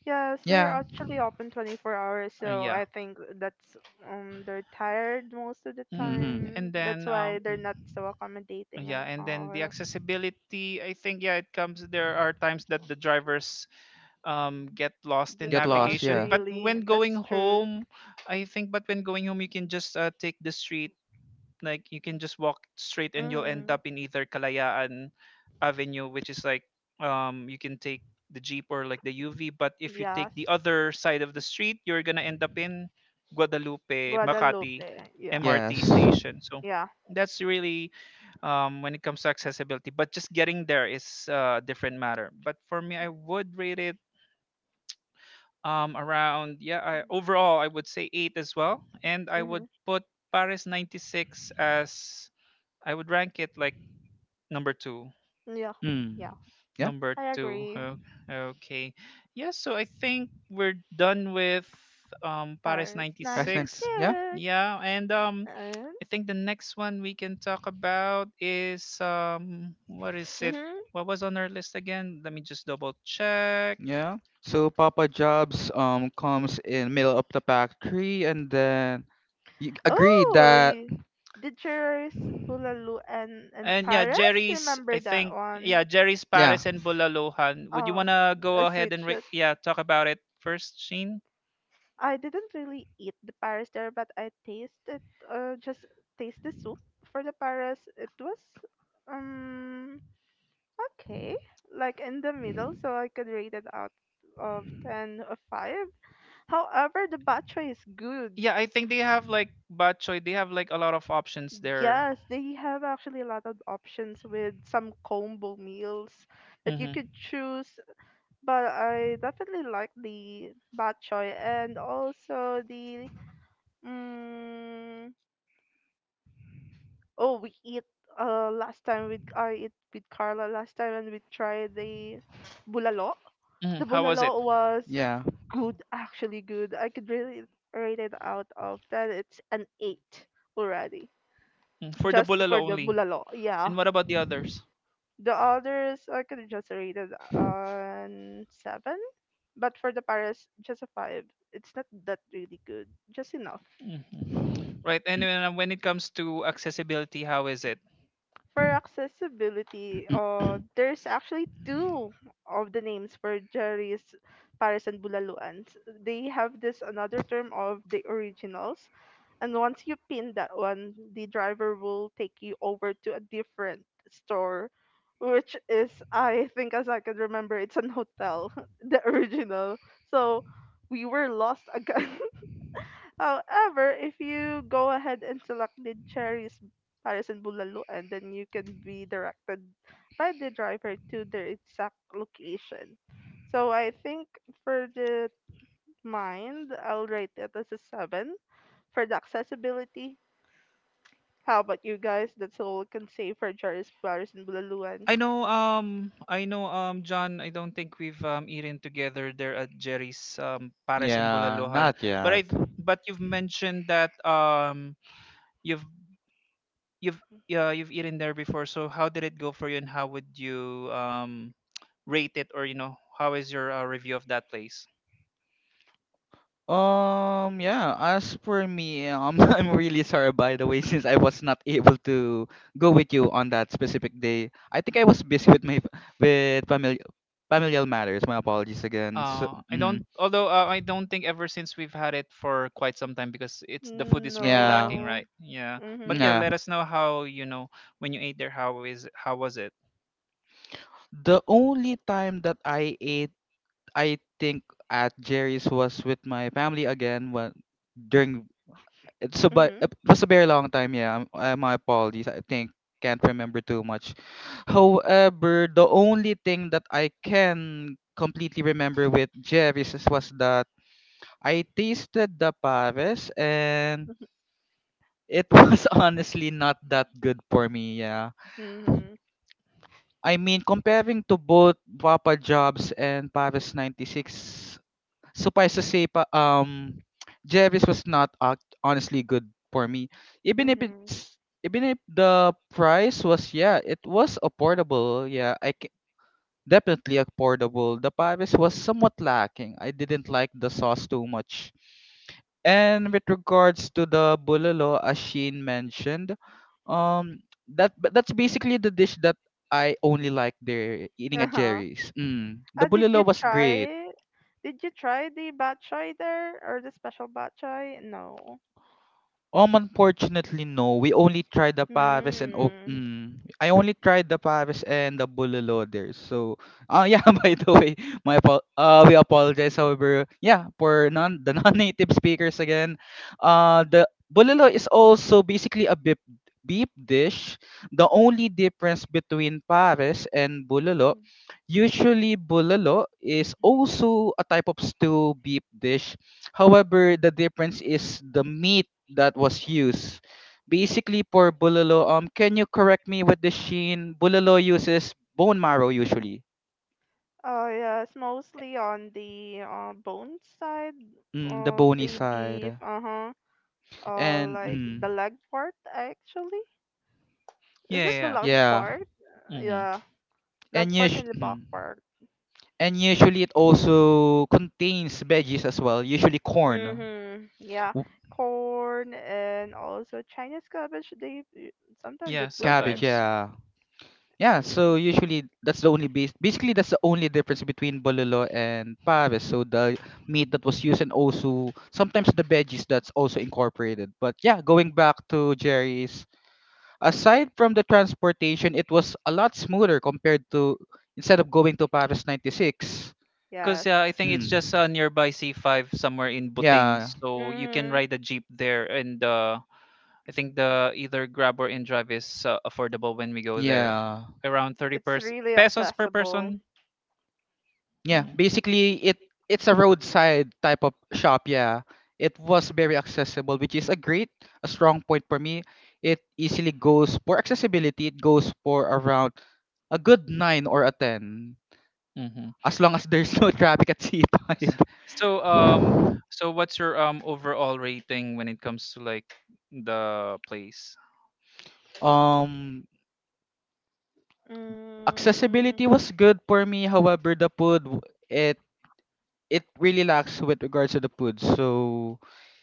Speaker 2: Yes, they're
Speaker 3: Yeah.
Speaker 2: actually open 24 hours, so
Speaker 1: Yeah.
Speaker 2: I think that's they're tired most of the
Speaker 1: mm.
Speaker 3: Mm-hmm.
Speaker 2: time.
Speaker 1: and
Speaker 2: That's
Speaker 1: then
Speaker 2: why
Speaker 1: um
Speaker 2: they're
Speaker 1: mm,
Speaker 2: not so accommodating and
Speaker 1: yeah, and then the
Speaker 2: all.
Speaker 1: accessibility, I think, yeah, it comes, there are times that the drivers get lost in
Speaker 2: That
Speaker 3: Get
Speaker 2: loss,
Speaker 3: lost.
Speaker 1: navigation.
Speaker 3: Yeah.
Speaker 1: But
Speaker 2: really.
Speaker 1: when going
Speaker 2: That's true.
Speaker 1: home, I think, but when going home you can just take the street, like you can just walk straight, and you'll end
Speaker 2: Mm-hmm.
Speaker 1: up in either Kalayaan Avenue, which is, like, you can take the jeep or like the UV. But if you
Speaker 2: Yes.
Speaker 1: take the other side of the street, you're gonna end up in Guadalupe, Makati
Speaker 2: Guadalupe. Yeah.
Speaker 1: MRT
Speaker 3: Yes.
Speaker 1: station. So
Speaker 2: Yeah.
Speaker 1: that's really, when it comes to accessibility. But just getting there is, a different matter. But for me, I would rate it, around, yeah. I, overall, I would say eight as well, and I
Speaker 2: Mm-hmm.
Speaker 1: would put Paris 96 as... I would rank it like number two.
Speaker 2: Yeah.
Speaker 3: Mm.
Speaker 2: Yeah.
Speaker 3: Yeah.
Speaker 1: Number
Speaker 2: I
Speaker 1: two.
Speaker 2: agree.
Speaker 1: Okay. Yeah, so I think we're done with Paris
Speaker 2: Paris
Speaker 1: ninety
Speaker 3: Excellent.
Speaker 1: six.
Speaker 3: Yeah.
Speaker 2: 96.
Speaker 1: Yeah, and
Speaker 2: And
Speaker 1: I think the next one we can talk about is, what is it?
Speaker 2: mm-hmm.
Speaker 1: What was on our list again? Let me just double check.
Speaker 3: Yeah. So Papa Jobs comes in middle of the pack three, and then you agreed
Speaker 2: Oh,
Speaker 3: that.
Speaker 2: the jurors Bulalu and
Speaker 1: And yeah,
Speaker 2: Paris.
Speaker 1: Jerry's,
Speaker 2: Remember
Speaker 1: I
Speaker 2: that
Speaker 1: think,
Speaker 2: one?
Speaker 1: yeah, Jerry's
Speaker 3: Yeah,
Speaker 1: Paris and Bulalohan. Would you
Speaker 2: Oh,
Speaker 1: wanna
Speaker 2: a
Speaker 1: go
Speaker 2: sweet
Speaker 1: ahead and
Speaker 2: shit.
Speaker 1: yeah, talk about it first, Sheen?
Speaker 2: I didn't really eat the Paris there, but I tasted just taste the soup for the Paris. It was um okay, like in the middle, so I could rate it out of 10 or five. However, the batra is good.
Speaker 1: Yeah, I think they have like bok choy. They have like a lot of options there.
Speaker 2: Yes, they have actually a lot of options with some combo meals that you
Speaker 1: Hmm.
Speaker 2: could choose. But I definitely like the bok choy and also the. Mm, oh, we eat last time with I eat with Carla last time and we tried the bulalo. The
Speaker 1: Hmm. How was it?
Speaker 2: bulalo was
Speaker 3: yeah.
Speaker 2: good, actually good. I could really rate it out of 10. It's an eight already.
Speaker 1: Mm, for the
Speaker 2: Just
Speaker 1: bulalo
Speaker 2: for the
Speaker 1: only?
Speaker 2: bulalo, yeah.
Speaker 1: And what about the others?
Speaker 2: The others I could just rate it on seven, but for the Paris, just a five. It's not that really good, just enough.
Speaker 1: Hmm. Right. And
Speaker 3: mm,
Speaker 1: when it comes to accessibility, how is it?
Speaker 2: For accessibility, there's actually two of the names for Jerry's Paris and Bulaluan. They have this another term of the originals, and once you pin that one, the driver will take you over to a different store, which is, I think, as I can remember, it's an hotel, [laughs] the original. So we were lost [laughs] again. However, if you go ahead and select the cherries, Paris and Bulaluan, then you can be directed by the driver to their exact location. So I think for the mind, I'll rate it as a 7 for the accessibility. How about you guys? That's all I can say for Cherries, Paris, and Bulaluan.
Speaker 1: I know. I know. John, I don't think we've eaten together there at Jerry's, Paris and
Speaker 3: yeah,
Speaker 1: Bulalohan.
Speaker 3: not
Speaker 1: But
Speaker 3: yet.
Speaker 1: I. But you've mentioned that, you've you've yeah, you've eaten there before. So how did it go for you, and how would you rate it, or how is your review of that place?
Speaker 3: Yeah, as for me, [laughs] I'm really sorry, by the way, since I was not able to go with you on that specific day. I think I was busy with my with family familial matters. My apologies again. So,
Speaker 1: I don't, although, I don't think ever since, we've had it for quite some time, because it's the food is really
Speaker 3: yeah,
Speaker 1: lacking,
Speaker 2: No.
Speaker 1: right? Yeah, but yeah,
Speaker 2: Mhm.
Speaker 3: yeah.
Speaker 1: let us know how, when you ate there, how was it?
Speaker 3: The only time that I ate, I think, at Jerry's was with my family again. When during So, but
Speaker 2: Mhm.
Speaker 3: It was a very long time. Yeah, my apologies. I think can't remember too much. However, the only thing that I can completely remember with Jerry's was that I tasted the Paris and it was [laughs] honestly not that good for me. Yeah,
Speaker 2: Mhm.
Speaker 3: I mean comparing to both Papa Jobs and Paris 96. Suffice to say, Jerry's was not honestly good for me. Even if
Speaker 2: Mhm.
Speaker 3: it's Even if the price was, yeah, it was affordable. Yeah, definitely affordable. The Paris was somewhat lacking. I didn't like the sauce too much. And with regards to the bulalo, as Sheen mentioned, um, that but that's basically the dish that I only like there eating
Speaker 2: Uh
Speaker 3: at
Speaker 2: huh.
Speaker 3: Jerry's. Mm. The
Speaker 2: Did you
Speaker 3: bulalo was
Speaker 2: try
Speaker 3: great.
Speaker 2: it? Did you try the bok choy there or the special bok choy? No.
Speaker 3: Unfortunately, no. We only tried the Paris and
Speaker 2: Mm.
Speaker 3: I only tried the Paris and the Bulalo there. So, yeah. [laughs] By the way, we apologize. However, yeah, for non the [laughs] non-native speakers again, the Bulalo is also basically a beef dish. The only difference between Paris and Bulalo, usually Bulalo is also a type of stew beef dish. However, the difference is the meat that was used. Basically, for bulalo, can you correct me with the Sheen? Bulalo uses bone marrow usually,
Speaker 2: Yes, mostly on the bone side
Speaker 3: the
Speaker 2: of
Speaker 3: bony
Speaker 2: the beef.
Speaker 3: side,
Speaker 2: Uh huh.
Speaker 3: and
Speaker 2: Like the leg part actually. Is
Speaker 1: Yeah,
Speaker 2: it the
Speaker 1: yeah,
Speaker 2: leg
Speaker 3: yeah,
Speaker 2: part?
Speaker 1: yeah. Mm-hmm.
Speaker 2: Yeah,
Speaker 3: and
Speaker 2: leg part
Speaker 3: us-
Speaker 2: and the
Speaker 3: mm,
Speaker 2: back part.
Speaker 3: and usually it also contains veggies as well, usually corn,
Speaker 2: Mm-hmm. Yeah,
Speaker 3: w-
Speaker 2: corn and also Chinese cabbage. Sometimes
Speaker 1: Yeah,
Speaker 2: they put
Speaker 3: cabbage,
Speaker 2: it.
Speaker 1: sometimes.
Speaker 3: yeah. Yeah, so usually that's the only base. Basically, that's the only difference between Bololo and Pares. So the meat that was used and also sometimes the veggies that's also incorporated. But yeah, going back to Jerry's, aside from the transportation, it was a lot smoother compared to instead of going to Pares 96.
Speaker 1: Because
Speaker 2: Yes.
Speaker 1: yeah, I think it's
Speaker 3: Hmm.
Speaker 1: just, nearby C5 somewhere in Buting,
Speaker 3: Yeah,
Speaker 1: so you can
Speaker 2: Mm-hmm.
Speaker 1: ride a jeep there, and I think the either Grab or InDrive is, affordable when we go there,
Speaker 3: yeah.
Speaker 1: around 30
Speaker 2: It's really
Speaker 1: pesos per
Speaker 2: accessible.
Speaker 1: person.
Speaker 3: Yeah,
Speaker 1: Yeah.
Speaker 3: basically it's a roadside type of shop, yeah. It was very accessible, which is a great, a strong point for me. It easily goes for accessibility, it goes for around a good 9 or a 10
Speaker 1: Mm-hmm.
Speaker 3: as long as [laughs] there's no traffic at C5.
Speaker 1: So um so what's your overall rating when it comes to, like, the place?
Speaker 3: Um Accessibility
Speaker 2: Mm,
Speaker 3: was good for me, however the it it really lacks with regards to the food. So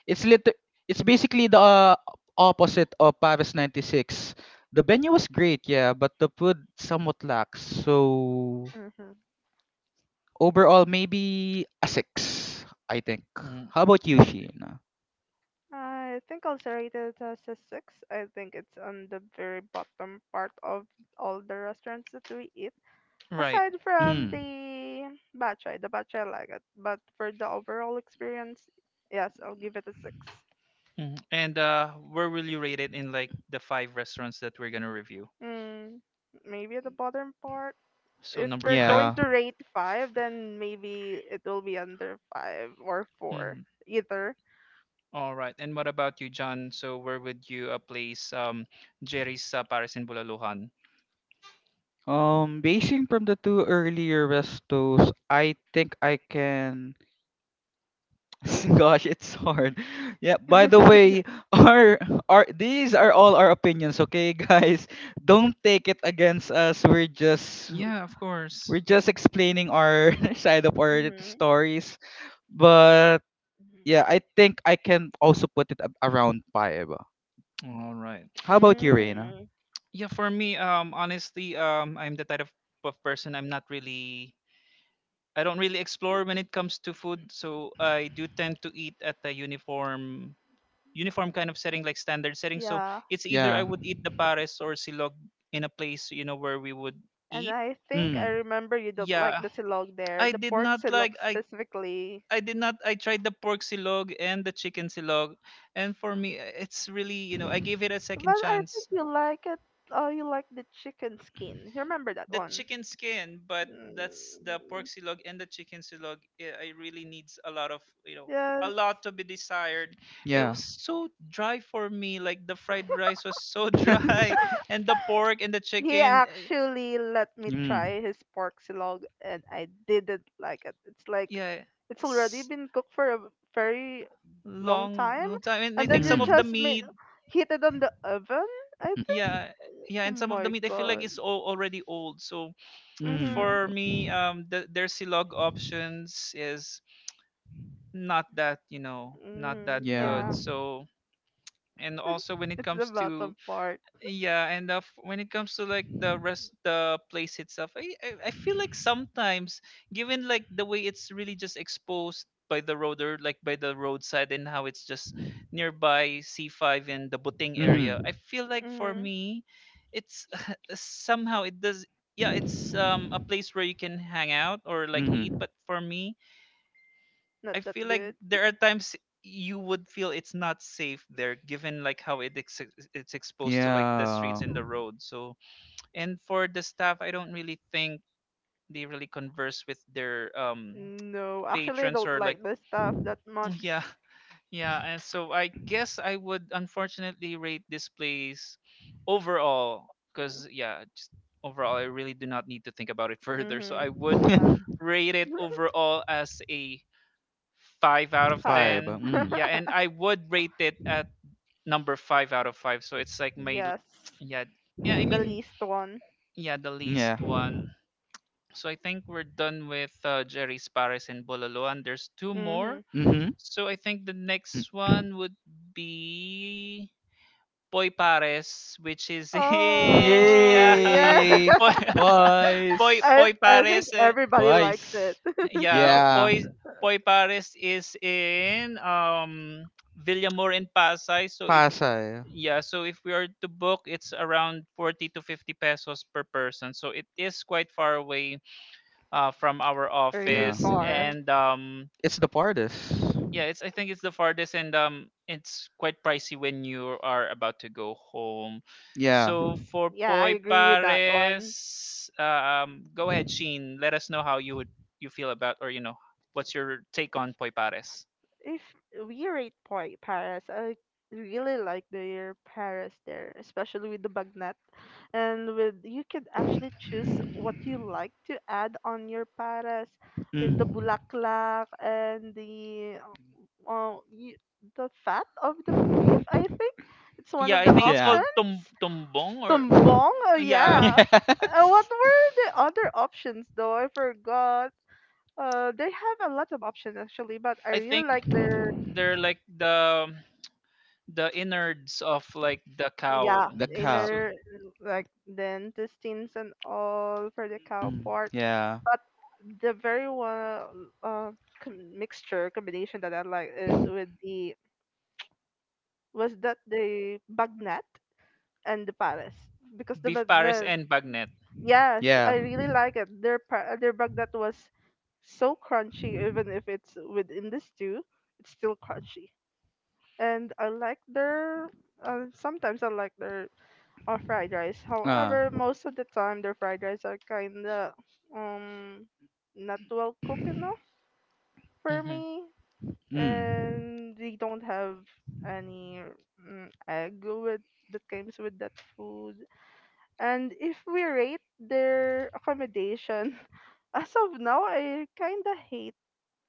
Speaker 3: it's lit- it's basically the opposite of Paris 96. The venue was great, yeah, but the food somewhat lacks. So
Speaker 2: mhm.
Speaker 3: overall maybe a 6, I think.
Speaker 1: Mm,
Speaker 3: How about you, Sheena?
Speaker 2: I think I'll rate it as a six. I think it's on the very bottom part of all the restaurants that we eat.
Speaker 1: right.
Speaker 2: Aside from
Speaker 3: Mm,
Speaker 2: the Batchoy I like it, but for the overall experience, yes, I'll give it a six.
Speaker 1: Mm. And where will you rate it in, like, the five restaurants that we're gonna review?
Speaker 2: Mm, maybe at the bottom part.
Speaker 1: So
Speaker 2: If
Speaker 1: number
Speaker 2: we're
Speaker 1: [laughs]
Speaker 2: going
Speaker 1: five.
Speaker 3: yeah.
Speaker 2: to rate five, then maybe it will be under five or four,
Speaker 1: Mm-hmm.
Speaker 2: either.
Speaker 1: All right. And what about you, John? So where would you, place, Jerry's, Paris in Bulaluhan?
Speaker 3: Basing from the two earlier restos, I think I can. [laughs] Gosh, it's hard. Yeah, by the way, our our these are all our opinions, okay, [laughs] guys? Don't take it against us.
Speaker 2: [laughs]
Speaker 1: Yeah, of course.
Speaker 3: We're just explaining our [laughs] side of our
Speaker 2: Mhm.
Speaker 3: stories. But yeah, I think I can also put it around five.
Speaker 1: All right.
Speaker 3: How about you, Reina?
Speaker 2: Mm.
Speaker 1: Yeah, for me, honestly, I'm the type of person. I'm not really... I don't really explore when it comes to food. So I do tend to eat at a uniform kind of setting, like standard setting. So
Speaker 2: Yeah,
Speaker 1: it's either I
Speaker 3: Yeah.
Speaker 1: would eat the pares or silog in a place, you know, where we would
Speaker 2: and
Speaker 1: eat.
Speaker 2: I think I
Speaker 3: Mm.
Speaker 2: remember you don't like
Speaker 1: Yeah,
Speaker 2: the silog there,
Speaker 1: I
Speaker 2: the
Speaker 1: did
Speaker 2: pork
Speaker 1: not like,
Speaker 2: silog
Speaker 1: I,
Speaker 2: specifically.
Speaker 1: I did not... I tried the pork silog and the chicken silog. And for me, it's really, I gave it a
Speaker 2: But
Speaker 1: second
Speaker 2: I think
Speaker 1: chance,
Speaker 2: you like it. Oh, you like the chicken skin. You remember that
Speaker 1: the
Speaker 2: one?
Speaker 1: chicken skin. But
Speaker 2: Mm,
Speaker 1: that's the pork silog and the chicken silog. It really needs a lot of, a
Speaker 2: yes.
Speaker 1: lot to be desired. It
Speaker 3: Yeah.
Speaker 1: was so dry for me. Like the fried rice was so [laughs] dry,
Speaker 3: [laughs]
Speaker 2: [laughs]
Speaker 1: and the pork and the
Speaker 2: He
Speaker 1: chicken, eh,
Speaker 2: actually let me
Speaker 3: mm.
Speaker 2: try his pork silog, and I didn't like it. It's like
Speaker 1: yeah,
Speaker 2: it's already
Speaker 1: s-
Speaker 2: been cooked for a very long
Speaker 1: long,
Speaker 2: time.
Speaker 1: long time. And I
Speaker 2: And then
Speaker 1: think
Speaker 2: they
Speaker 1: some
Speaker 3: Mm.
Speaker 1: of the
Speaker 2: just made
Speaker 1: meat,
Speaker 2: heat it on the oven, I think.
Speaker 1: yeah. Yeah,
Speaker 2: Oh
Speaker 1: and some of the
Speaker 2: my
Speaker 1: meat I feel like
Speaker 2: god.
Speaker 1: it's all already old. So
Speaker 3: Mm.
Speaker 2: Mhm.
Speaker 1: for me, their silog options is not that, not that
Speaker 2: Mm,
Speaker 3: Yeah.
Speaker 1: good.
Speaker 2: yeah.
Speaker 1: So and
Speaker 2: [laughs]
Speaker 1: also when it
Speaker 2: It's the
Speaker 1: comes to...
Speaker 2: bottom part.
Speaker 1: Yeah. And when it comes to, like, the rest, the place itself, I feel like sometimes, given, like, the way it's really just exposed by the road or like by the roadside, and how it's just nearby C5 and the Buting area,
Speaker 3: Mm-hmm.
Speaker 1: I feel like for
Speaker 2: Mhm.
Speaker 1: me it's [laughs] somehow it does... Yeah, it's a place where you can hang out or like eat,
Speaker 3: Mm-hmm.
Speaker 1: but for me,
Speaker 2: Not
Speaker 1: I
Speaker 2: that
Speaker 1: feel like
Speaker 2: good.
Speaker 1: there are times you would feel it's not safe there, given, like, how it it's exposed to, like, the
Speaker 3: Yeah.
Speaker 1: streets and the road. So, and for the staff, I don't really think they really converse with their
Speaker 2: No,
Speaker 1: [tsk]
Speaker 2: actually, I
Speaker 1: patrons
Speaker 2: don't
Speaker 1: or like,
Speaker 2: like this stuff that
Speaker 1: [laughs] [tsk]
Speaker 2: much.
Speaker 1: yeah. Yeah, and so I guess I would, unfortunately, rate this place overall, because yeah, just overall, I really do not need to think about it [laughs] further. So
Speaker 2: Mhm.
Speaker 1: I would
Speaker 2: Yeah.
Speaker 3: [laughs]
Speaker 1: rate it
Speaker 2: [laughs]
Speaker 1: overall as a five out of
Speaker 2: Five.
Speaker 3: Vibe.
Speaker 1: ten.
Speaker 2: [laughs]
Speaker 3: Mm.
Speaker 1: Yeah, and I would rate it at number five out of five. So it's like my
Speaker 2: Yes,
Speaker 1: [tsk] yeah, yeah, I
Speaker 2: the
Speaker 1: mean,
Speaker 2: least one.
Speaker 1: yeah, the least
Speaker 3: Yeah.
Speaker 1: one. So I think we're done with, Jerry's Paris and Bololoan. There's two
Speaker 2: Mm-hmm.
Speaker 1: more.
Speaker 3: Mm-hmm.
Speaker 1: So I think the next one would be Poy Pares, which is in [laughs] yeah
Speaker 2: Oh,
Speaker 1: [laughs]
Speaker 2: yeah.
Speaker 3: Yay!
Speaker 1: Poy
Speaker 2: [laughs]
Speaker 1: [laughs]
Speaker 3: Twice.
Speaker 1: Poy
Speaker 2: I
Speaker 1: Poy
Speaker 2: I think
Speaker 1: Pares.
Speaker 2: everybody likes
Speaker 3: Twice.
Speaker 2: it.
Speaker 1: Yeah,
Speaker 2: [laughs]
Speaker 3: Yeah.
Speaker 1: Poi Pares is in Villamor, in Pasay. So if
Speaker 3: Pasay.
Speaker 1: yeah, so if we are to book, it's around 40 to 50 pesos per person. So it is quite far away, from our
Speaker 2: Really
Speaker 3: Yeah.
Speaker 1: office.
Speaker 2: far.
Speaker 1: And
Speaker 3: It's the partis.
Speaker 1: yeah, it's I think it's the farthest, and it's quite pricey when you are about to go home.
Speaker 3: Yeah.
Speaker 1: So for
Speaker 2: Yeah, I
Speaker 1: Poi
Speaker 2: agree with that
Speaker 1: Pares,
Speaker 2: one.
Speaker 1: go ahead, Sheen, let us know how you would, you feel about, or, what's your take on Poi Pares?
Speaker 2: If we rate Poi- Paris, I really like their Paris there, especially with the bagnet, and with you can actually choose what you like to add on your Paris with the
Speaker 3: Mm.
Speaker 2: bulaklak and the y the fat of the beef. I think it's one
Speaker 1: Yeah,
Speaker 2: of
Speaker 1: I
Speaker 2: the
Speaker 1: think it's
Speaker 3: Yeah.
Speaker 1: called,
Speaker 2: options.
Speaker 1: tumbong, or...
Speaker 2: Tumbong, oh
Speaker 3: [laughs]
Speaker 1: Yeah.
Speaker 2: yeah. What
Speaker 3: Yes.
Speaker 2: were the other options though? I forgot. They have a lot of options actually, but I
Speaker 1: [laughs] I think
Speaker 2: really like their.
Speaker 1: they're like the innards of, like, the cow,
Speaker 2: Yeah,
Speaker 3: The cow.
Speaker 1: so
Speaker 2: inner, like then intestines and all for the cow
Speaker 3: Mm.
Speaker 2: part.
Speaker 3: Yeah.
Speaker 2: But the very one mixture combination that I like is with the, was that the bagnet and the pares, because the
Speaker 1: beef pares
Speaker 2: bagnet.
Speaker 1: and bagnet.
Speaker 2: Yes,
Speaker 3: Yeah.
Speaker 2: I really like it. Their bagnet was so crunchy. Even if it's within the stew, it's still crunchy. And I like their, sometimes I like their of fried rice.
Speaker 3: Uh.
Speaker 2: However, most of the time their fried rice are kinda um not well cooked enough for
Speaker 1: Hmm.
Speaker 2: me,
Speaker 3: Mm.
Speaker 2: and they don't have any egg with that comes with that food. And if we rate their accommodation, [laughs] as of now, I kinda hate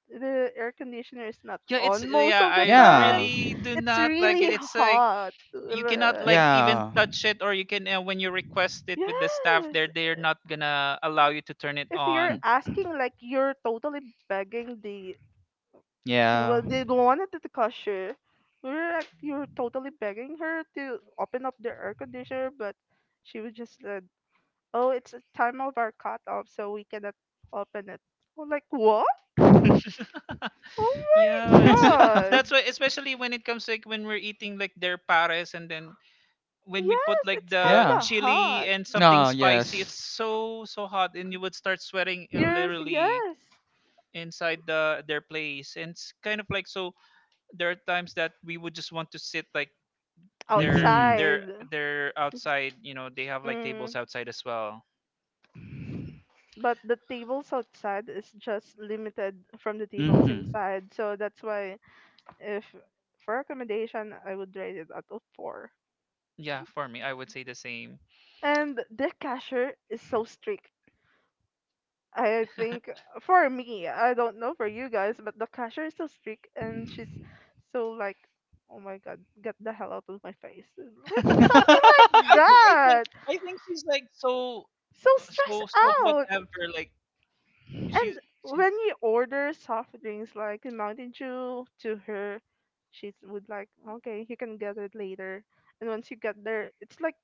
Speaker 2: the air conditioner is not
Speaker 1: Yeah, it's
Speaker 2: on most
Speaker 1: yeah.
Speaker 2: of the
Speaker 1: I
Speaker 2: time.
Speaker 3: Yeah.
Speaker 1: really do
Speaker 2: It's
Speaker 1: not like it.
Speaker 2: really
Speaker 1: It's like
Speaker 2: hot.
Speaker 1: you cannot, like, even
Speaker 3: Yeah.
Speaker 1: touch it. Or you can, when you request it with the staff there,
Speaker 2: Yes,
Speaker 1: they're not gonna allow you to turn it
Speaker 2: if you're
Speaker 3: Mm.
Speaker 1: on.
Speaker 2: asking like you're totally begging the, well
Speaker 3: Yeah.
Speaker 2: they don't want it, to the cashier you're like you're totally begging her to open up the air conditioner, but she would just said, oh it's a time of our cut off so we cannot open it. I'm like what. Oh my
Speaker 1: Yeah, it's
Speaker 2: god.
Speaker 1: that's why, especially when it comes, like, when we're eating like their pares, and
Speaker 3: [laughs] [laughs]
Speaker 1: then when we put,
Speaker 2: Yes,
Speaker 1: like,
Speaker 2: it's
Speaker 1: the
Speaker 2: kind
Speaker 3: Yeah.
Speaker 2: of
Speaker 1: chili
Speaker 2: hot.
Speaker 1: and something
Speaker 3: Oh,
Speaker 1: spicy,
Speaker 3: yes.
Speaker 1: it's so, so hot, and you would start sweating,
Speaker 2: Yours,
Speaker 1: literally,
Speaker 2: yes.
Speaker 1: inside their place. And it's kind of, like, so there are times that we would just want to sit, like, they're
Speaker 3: Mhm.
Speaker 1: they're
Speaker 2: Outside.
Speaker 1: they're outside. You know, they have like tables
Speaker 2: Mm.
Speaker 1: outside as well.
Speaker 2: But the tables outside is just limited from the tables
Speaker 3: Mhm.
Speaker 2: inside. So that's why if for accommodation, I would rate it at a four.
Speaker 1: Yeah, for me, I would say the same.
Speaker 2: And the cashier is so strict. I think
Speaker 1: [laughs]
Speaker 2: for me, I don't know for you guys, but the cashier is so strict and she's so like, oh my god, get the hell out of my face. Like something
Speaker 3: [laughs]
Speaker 2: like
Speaker 1: I think I think
Speaker 2: that.
Speaker 1: I think she's like so,
Speaker 2: So stressed
Speaker 1: so, so
Speaker 2: out.
Speaker 1: whatever. Like she's
Speaker 2: And
Speaker 1: she-
Speaker 2: when you order soft drinks like Mountain Dew to her, she would like, okay, you can get it later. And once you get there, it's like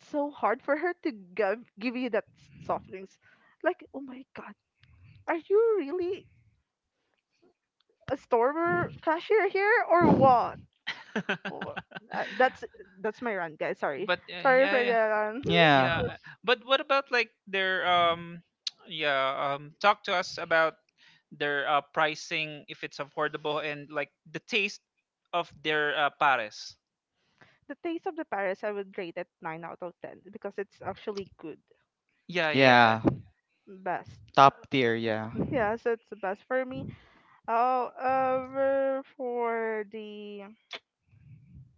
Speaker 2: so hard for her to give you that soft drinks. Like, oh my god, are you really a store cashier here or what? Wha- uh, that's
Speaker 1: [laughs]
Speaker 2: my rant, guys. Sorry,
Speaker 1: but
Speaker 2: sorry
Speaker 1: yeah,
Speaker 2: for
Speaker 1: yeah,
Speaker 2: that.
Speaker 3: yeah.
Speaker 1: yeah.
Speaker 2: [laughs]
Speaker 1: But what about like their, [tsk] yeah, talk to us about their pricing, if it's affordable, and like the taste of their pares.
Speaker 2: The taste of the Paris, I would rate it nine out of ten because it's actually good,
Speaker 1: Yeah, yeah,
Speaker 3: Yeah.
Speaker 2: best.
Speaker 3: Top tier, yeah.
Speaker 2: Yes, it's the best for me. However, for the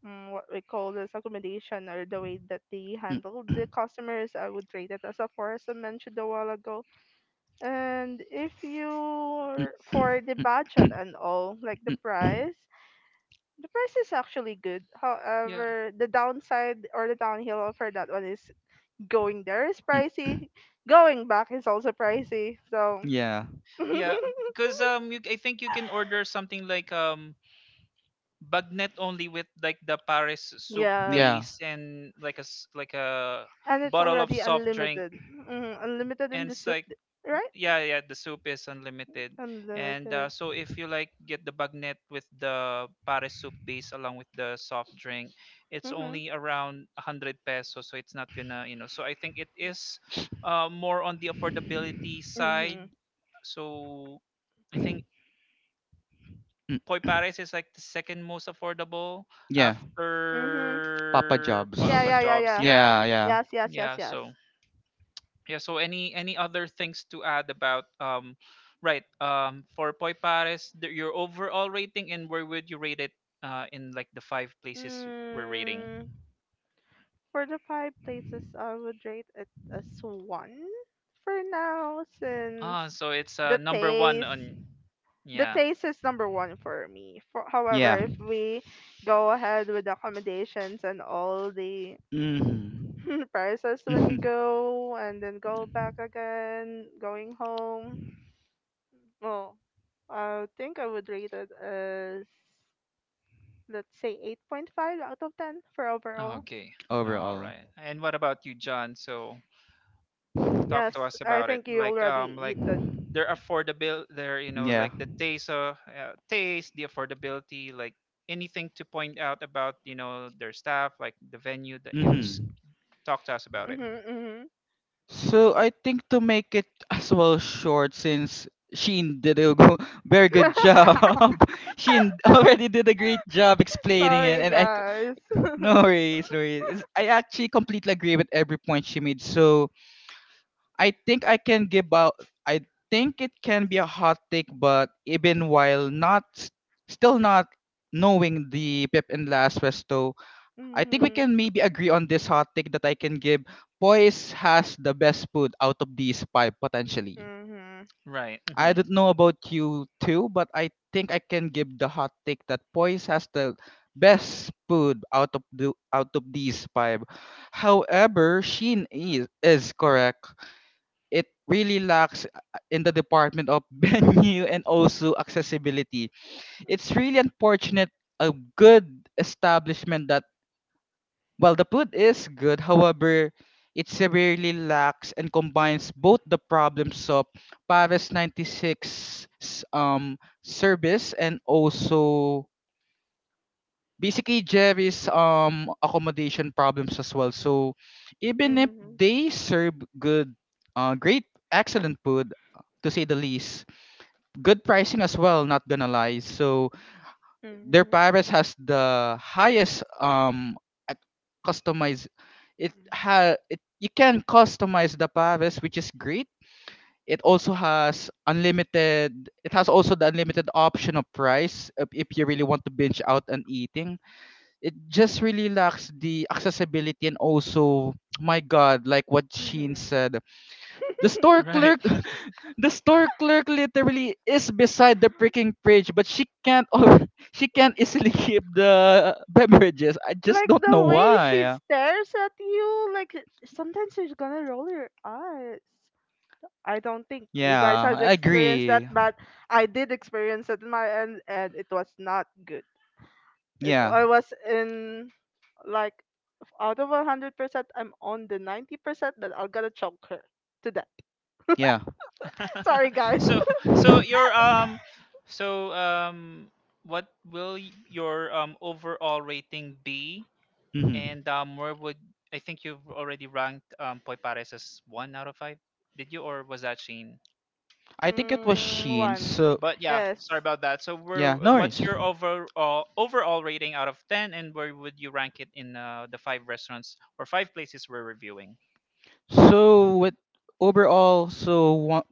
Speaker 2: what we call this accommodation or the way that they
Speaker 3: Mm,
Speaker 2: handle the customers, I would rate it as a four, as I mentioned a while ago. And if you for the budget and all, like the price is actually good.
Speaker 1: yeah,
Speaker 2: However, the downside or the downhill for that one is going there is
Speaker 3: mm,
Speaker 2: pricey, going back is also pricey. So,
Speaker 3: yeah.
Speaker 2: [laughs]
Speaker 1: yeah. Because I think you can order something like but not only with like the Paris soup
Speaker 2: yes,
Speaker 3: Yeah.
Speaker 1: base and like a
Speaker 2: and it's
Speaker 1: bottle of
Speaker 2: already
Speaker 1: soft drink
Speaker 2: unlimited. Hmm. Unlimited in
Speaker 1: and
Speaker 2: the
Speaker 1: it's
Speaker 2: soup,
Speaker 1: like
Speaker 2: d- right?
Speaker 1: yeah, the soup is unlimited and
Speaker 2: Unlimited.
Speaker 1: so if you like get the bagnet with the Paris soup base along with the soft drink, it's
Speaker 2: Hmm.
Speaker 1: only around 100 pesos, so it's not gonna, so I think it is more on the affordability side.
Speaker 2: Hmm.
Speaker 1: So I think
Speaker 3: Mm,
Speaker 1: Poi Paris is like the second most affordable
Speaker 3: yeah.
Speaker 2: Hmm.
Speaker 3: Papa
Speaker 1: after
Speaker 3: Jobs.
Speaker 1: pa,
Speaker 2: Yeah,
Speaker 1: pa
Speaker 2: yeah, yeah,
Speaker 1: jobs.
Speaker 2: yeah.
Speaker 1: Yeah,
Speaker 3: Yeah, yeah.
Speaker 2: Yes, yes, yes,
Speaker 1: yeah.
Speaker 2: yes.
Speaker 1: So yeah. So any other things to add about right? For Poi Paris, your overall rating, and where would you rate it? In like the five places we're rating.
Speaker 2: Mm, for the five places, I would rate it as one for now, since
Speaker 1: Ah, so it's
Speaker 2: the
Speaker 1: number one
Speaker 2: taste,
Speaker 1: on.
Speaker 2: the
Speaker 1: Yeah.
Speaker 2: taste is number one for me. For, however,
Speaker 3: Yeah.
Speaker 2: if we go ahead with accommodations and all the
Speaker 3: Mhm.
Speaker 2: [laughs] prices when you
Speaker 3: Mhm.
Speaker 2: go and then go back again, going home, well, I think I would rate it as let's say 8.5 out of 10 for overall.
Speaker 1: Okay, all
Speaker 3: Overall.
Speaker 1: right. And what about you, John? So talk
Speaker 2: Yes,
Speaker 1: to us
Speaker 2: I
Speaker 1: about it
Speaker 2: think you
Speaker 1: like
Speaker 2: already
Speaker 1: um like
Speaker 2: eat the.
Speaker 3: [laughs]
Speaker 1: their affordability, their you know
Speaker 3: Yeah.
Speaker 1: like the taste, taste, the affordability, like anything to point out about you know their staff, like the venue, that yeah, just
Speaker 3: Mhm.
Speaker 1: talk to us about it.
Speaker 2: Mhm. Mhm.
Speaker 3: So I think, to make it as well short, since Sheen did a [laughs] very good job,
Speaker 2: [laughs]
Speaker 3: [laughs] Sheen already did a great job explaining it,
Speaker 2: Sorry,
Speaker 3: and
Speaker 2: guys.
Speaker 3: no
Speaker 2: [laughs]
Speaker 3: worries, no worries. It's, I actually completely agree with every point she made. So I think I can give out. I think it can be a hot take, but even while not, s- still not knowing the Pip and Last, I think we
Speaker 2: Mhm.
Speaker 3: can maybe agree on this hot take that I can give. Poise has the best food out of these five potentially.
Speaker 2: Mhm.
Speaker 1: Right.
Speaker 3: I
Speaker 1: Hmm.
Speaker 3: don't know about you too, but I think I can give the hot take that Poise has the best food out of these five. However, Sheen is correct. It really lacks in the department of [laughs] venue and also accessibility. It's really unfortunate, a good establishment that, while the food is good, however, it severely lacks and combines both the problems of Paris 96 's, service, and also basically Jerry's accommodation problems as well. So even if
Speaker 2: Mhm.
Speaker 3: they serve good great excellent food, to say the least, good pricing as well, not gonna lie. So their
Speaker 2: Mhm.
Speaker 3: Paris has the highest ac- customize, it, you can customize the Paris, which is great. It also has unlimited it has also the unlimited option of price, if you really want to binge out on eating. It just really lacks the accessibility, and also [tsk] my god, like what Sheen said, the
Speaker 2: Mhm.
Speaker 3: store
Speaker 2: [laughs]
Speaker 1: Right.
Speaker 3: clerk, [laughs] the store clerk literally is beside the freaking fridge, but she can't. [laughs] She can't easily keep the beverages. I just
Speaker 2: Like
Speaker 3: don't know
Speaker 2: the way she
Speaker 3: why.
Speaker 2: stares at you, like sometimes she's gonna roll her eyes. I don't think you guys
Speaker 3: Yeah,
Speaker 2: have
Speaker 3: I
Speaker 2: experienced that,
Speaker 3: agree.
Speaker 2: but I did experience it in my end, and it was not good. It,
Speaker 3: Yeah,
Speaker 2: I was in like out of 100%, I'm on the 90% that I'm gonna choke her to death.
Speaker 3: yeah.
Speaker 2: [laughs] Sorry,
Speaker 1: [laughs]
Speaker 2: guys.
Speaker 1: so
Speaker 2: [laughs]
Speaker 1: so your
Speaker 3: [laughs]
Speaker 1: so um what will your overall rating be?
Speaker 3: hmm.
Speaker 1: And where would, I think you've already ranked Poi Pares as one out of five? Did you, or was that Shane?
Speaker 3: I think it was
Speaker 2: Mm,
Speaker 3: Sheen.
Speaker 2: one,
Speaker 3: So
Speaker 1: But yeah,
Speaker 2: yes.
Speaker 1: sorry about that. So where,
Speaker 3: yeah, no
Speaker 1: what's
Speaker 3: worries.
Speaker 1: your overall rating out of ten, and where would you rank it in the five restaurants or five places we're reviewing?
Speaker 3: So with overall, so one,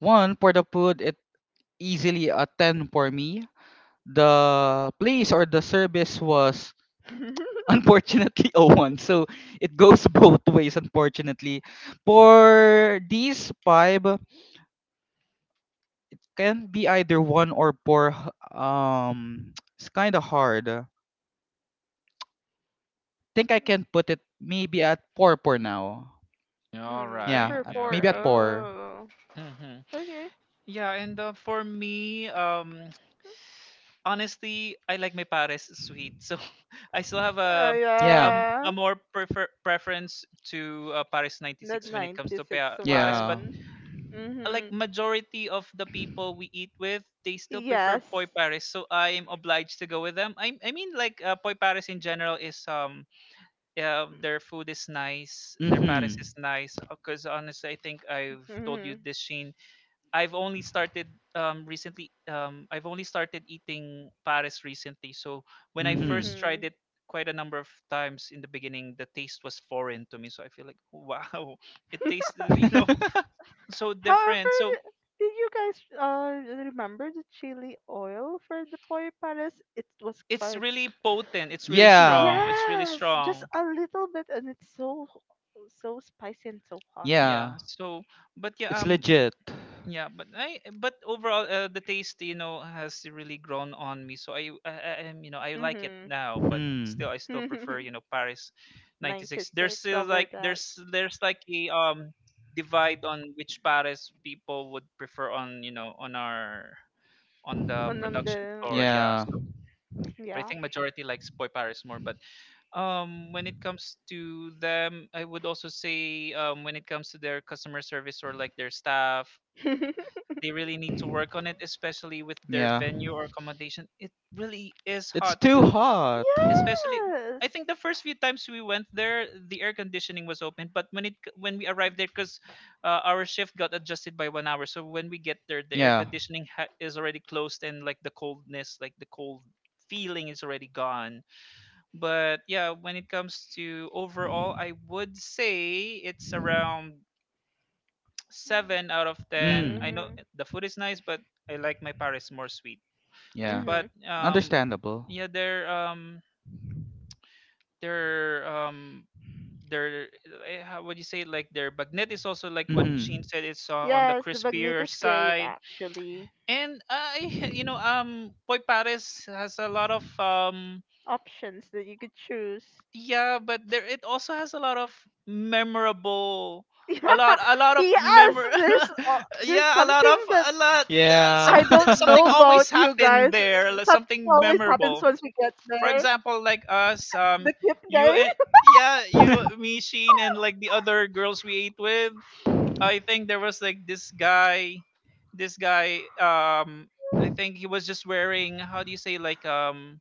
Speaker 3: one for the food, it easily a ten for me. The place or the service was [laughs]
Speaker 2: [laughs]
Speaker 3: unfortunately, oh, 01. So it goes [laughs] both ways unfortunately. For these five, can be either one or [tsk] it's kind of hard. Think I can put it maybe at four for now.
Speaker 1: All
Speaker 2: Mm,
Speaker 1: right.
Speaker 3: Yeah,
Speaker 2: number
Speaker 1: Yeah.
Speaker 3: maybe
Speaker 2: four.
Speaker 3: at
Speaker 1: Okay.
Speaker 3: four.
Speaker 2: Oh.
Speaker 1: Hmm.
Speaker 2: Okay.
Speaker 1: Yeah, and for me, honestly, I like my pares sweet, so [laughs] I still have
Speaker 3: Yeah.
Speaker 2: Yeah.
Speaker 1: a more prefer preference to Paris
Speaker 2: The
Speaker 1: 96 when it comes to
Speaker 2: 96
Speaker 1: Paris,
Speaker 3: Yeah.
Speaker 1: but
Speaker 2: one.
Speaker 1: like
Speaker 2: Mm-hmm.
Speaker 1: majority of the people we eat with, they still prefer
Speaker 2: Yes.
Speaker 1: poi Paris, so I am obliged to go with them. I mean like poi Paris in general is, yeah, their food is nice, their Paris
Speaker 3: Mm-hmm.
Speaker 1: is nice. Because honestly, I think I've told you
Speaker 2: Mm-hmm.
Speaker 1: this, Sheen. I've only started recently, I've only started eating Paris recently. So when I
Speaker 3: Mm-hmm.
Speaker 1: first
Speaker 2: Mm-hmm.
Speaker 1: tried it, quite a number of times in the beginning, the taste was foreign to me. So I feel like wow, [laughs] it tasted
Speaker 3: [laughs]
Speaker 1: [laughs] so
Speaker 2: However,
Speaker 1: different. So
Speaker 2: d- did you guys remember the chili oil for the pollo pares? It was
Speaker 1: it's
Speaker 2: quite,
Speaker 1: really potent, it's really
Speaker 3: yeah.
Speaker 1: strong, it's really
Speaker 2: yes, just
Speaker 1: strong.
Speaker 2: a little bit, and it's so so spicy and so hot.
Speaker 3: Yeah,
Speaker 1: Yeah. But yeah,
Speaker 3: it's
Speaker 1: um
Speaker 3: legit.
Speaker 1: Yeah, but I but overall the taste you know has really grown on me. So I'm you know I like it
Speaker 2: Mhm.
Speaker 1: now, but
Speaker 3: Hmm.
Speaker 1: still I still prefer you know
Speaker 2: [laughs]
Speaker 1: Paris 96. There's
Speaker 2: 96
Speaker 1: still like
Speaker 2: over that.
Speaker 1: there's like a divide on which Paris people would prefer on you know on our on the
Speaker 2: And on
Speaker 1: production floor.
Speaker 2: the,
Speaker 1: Yeah,
Speaker 3: Yeah.
Speaker 1: so I
Speaker 2: yeah.
Speaker 1: think majority likes Boy Paris more, but when it comes to them, I would also say when it comes to their customer service or like their staff,
Speaker 2: [laughs] Yes.
Speaker 1: they really need to work on it, especially with their
Speaker 3: Yeah.
Speaker 1: venue or accommodation. It really is
Speaker 3: It's
Speaker 1: hot,
Speaker 3: too hot.
Speaker 1: especially. I think the first few times we went there, the air conditioning was open, but when we arrived there, because our shift got adjusted by 1 hour, so when we get there, the air
Speaker 3: Yeah.
Speaker 1: conditioning is already closed, and like the coldness, like the cold feeling is already gone. But yeah, when it comes to overall, I would say it's around 7 out of 10. I
Speaker 3: Mm.
Speaker 1: know
Speaker 2: Mm-hmm.
Speaker 1: the food is nice, but I like my Paris more sweet.
Speaker 3: Yeah.
Speaker 1: But
Speaker 2: Mm-hmm.
Speaker 3: Understandable.
Speaker 1: yeah, their um, their eh, how would you say, like their bagnet is also like what
Speaker 3: Mhm.
Speaker 1: Sheen said. It's on the
Speaker 2: Yes, the Bagnet
Speaker 1: crispier
Speaker 2: is great
Speaker 1: side,
Speaker 2: actually.
Speaker 1: and I [laughs] you know Boy Paris has a lot of um.
Speaker 2: Options that you could choose.
Speaker 1: Yeah, but there it also has a lot of memorable,
Speaker 2: [laughs] Yeah,
Speaker 1: a lot of
Speaker 2: yes.
Speaker 1: memor [laughs]
Speaker 2: There's
Speaker 1: yeah, a lot
Speaker 2: something
Speaker 1: of
Speaker 2: that
Speaker 1: a lot
Speaker 3: Yeah.
Speaker 2: I don't
Speaker 1: something
Speaker 2: know
Speaker 1: always
Speaker 2: about you
Speaker 1: happened
Speaker 2: guys.
Speaker 1: there, like
Speaker 2: Something
Speaker 1: something
Speaker 2: always happens
Speaker 1: memorable.
Speaker 2: once we get
Speaker 1: For
Speaker 2: there.
Speaker 1: example, like us,
Speaker 2: The cute
Speaker 1: you
Speaker 2: guy,
Speaker 1: and yeah, you,
Speaker 3: [laughs]
Speaker 1: me, Sheen, and like the other girls we ate with. I think there was like this guy, this guy, I think he was just wearing, how do you say, like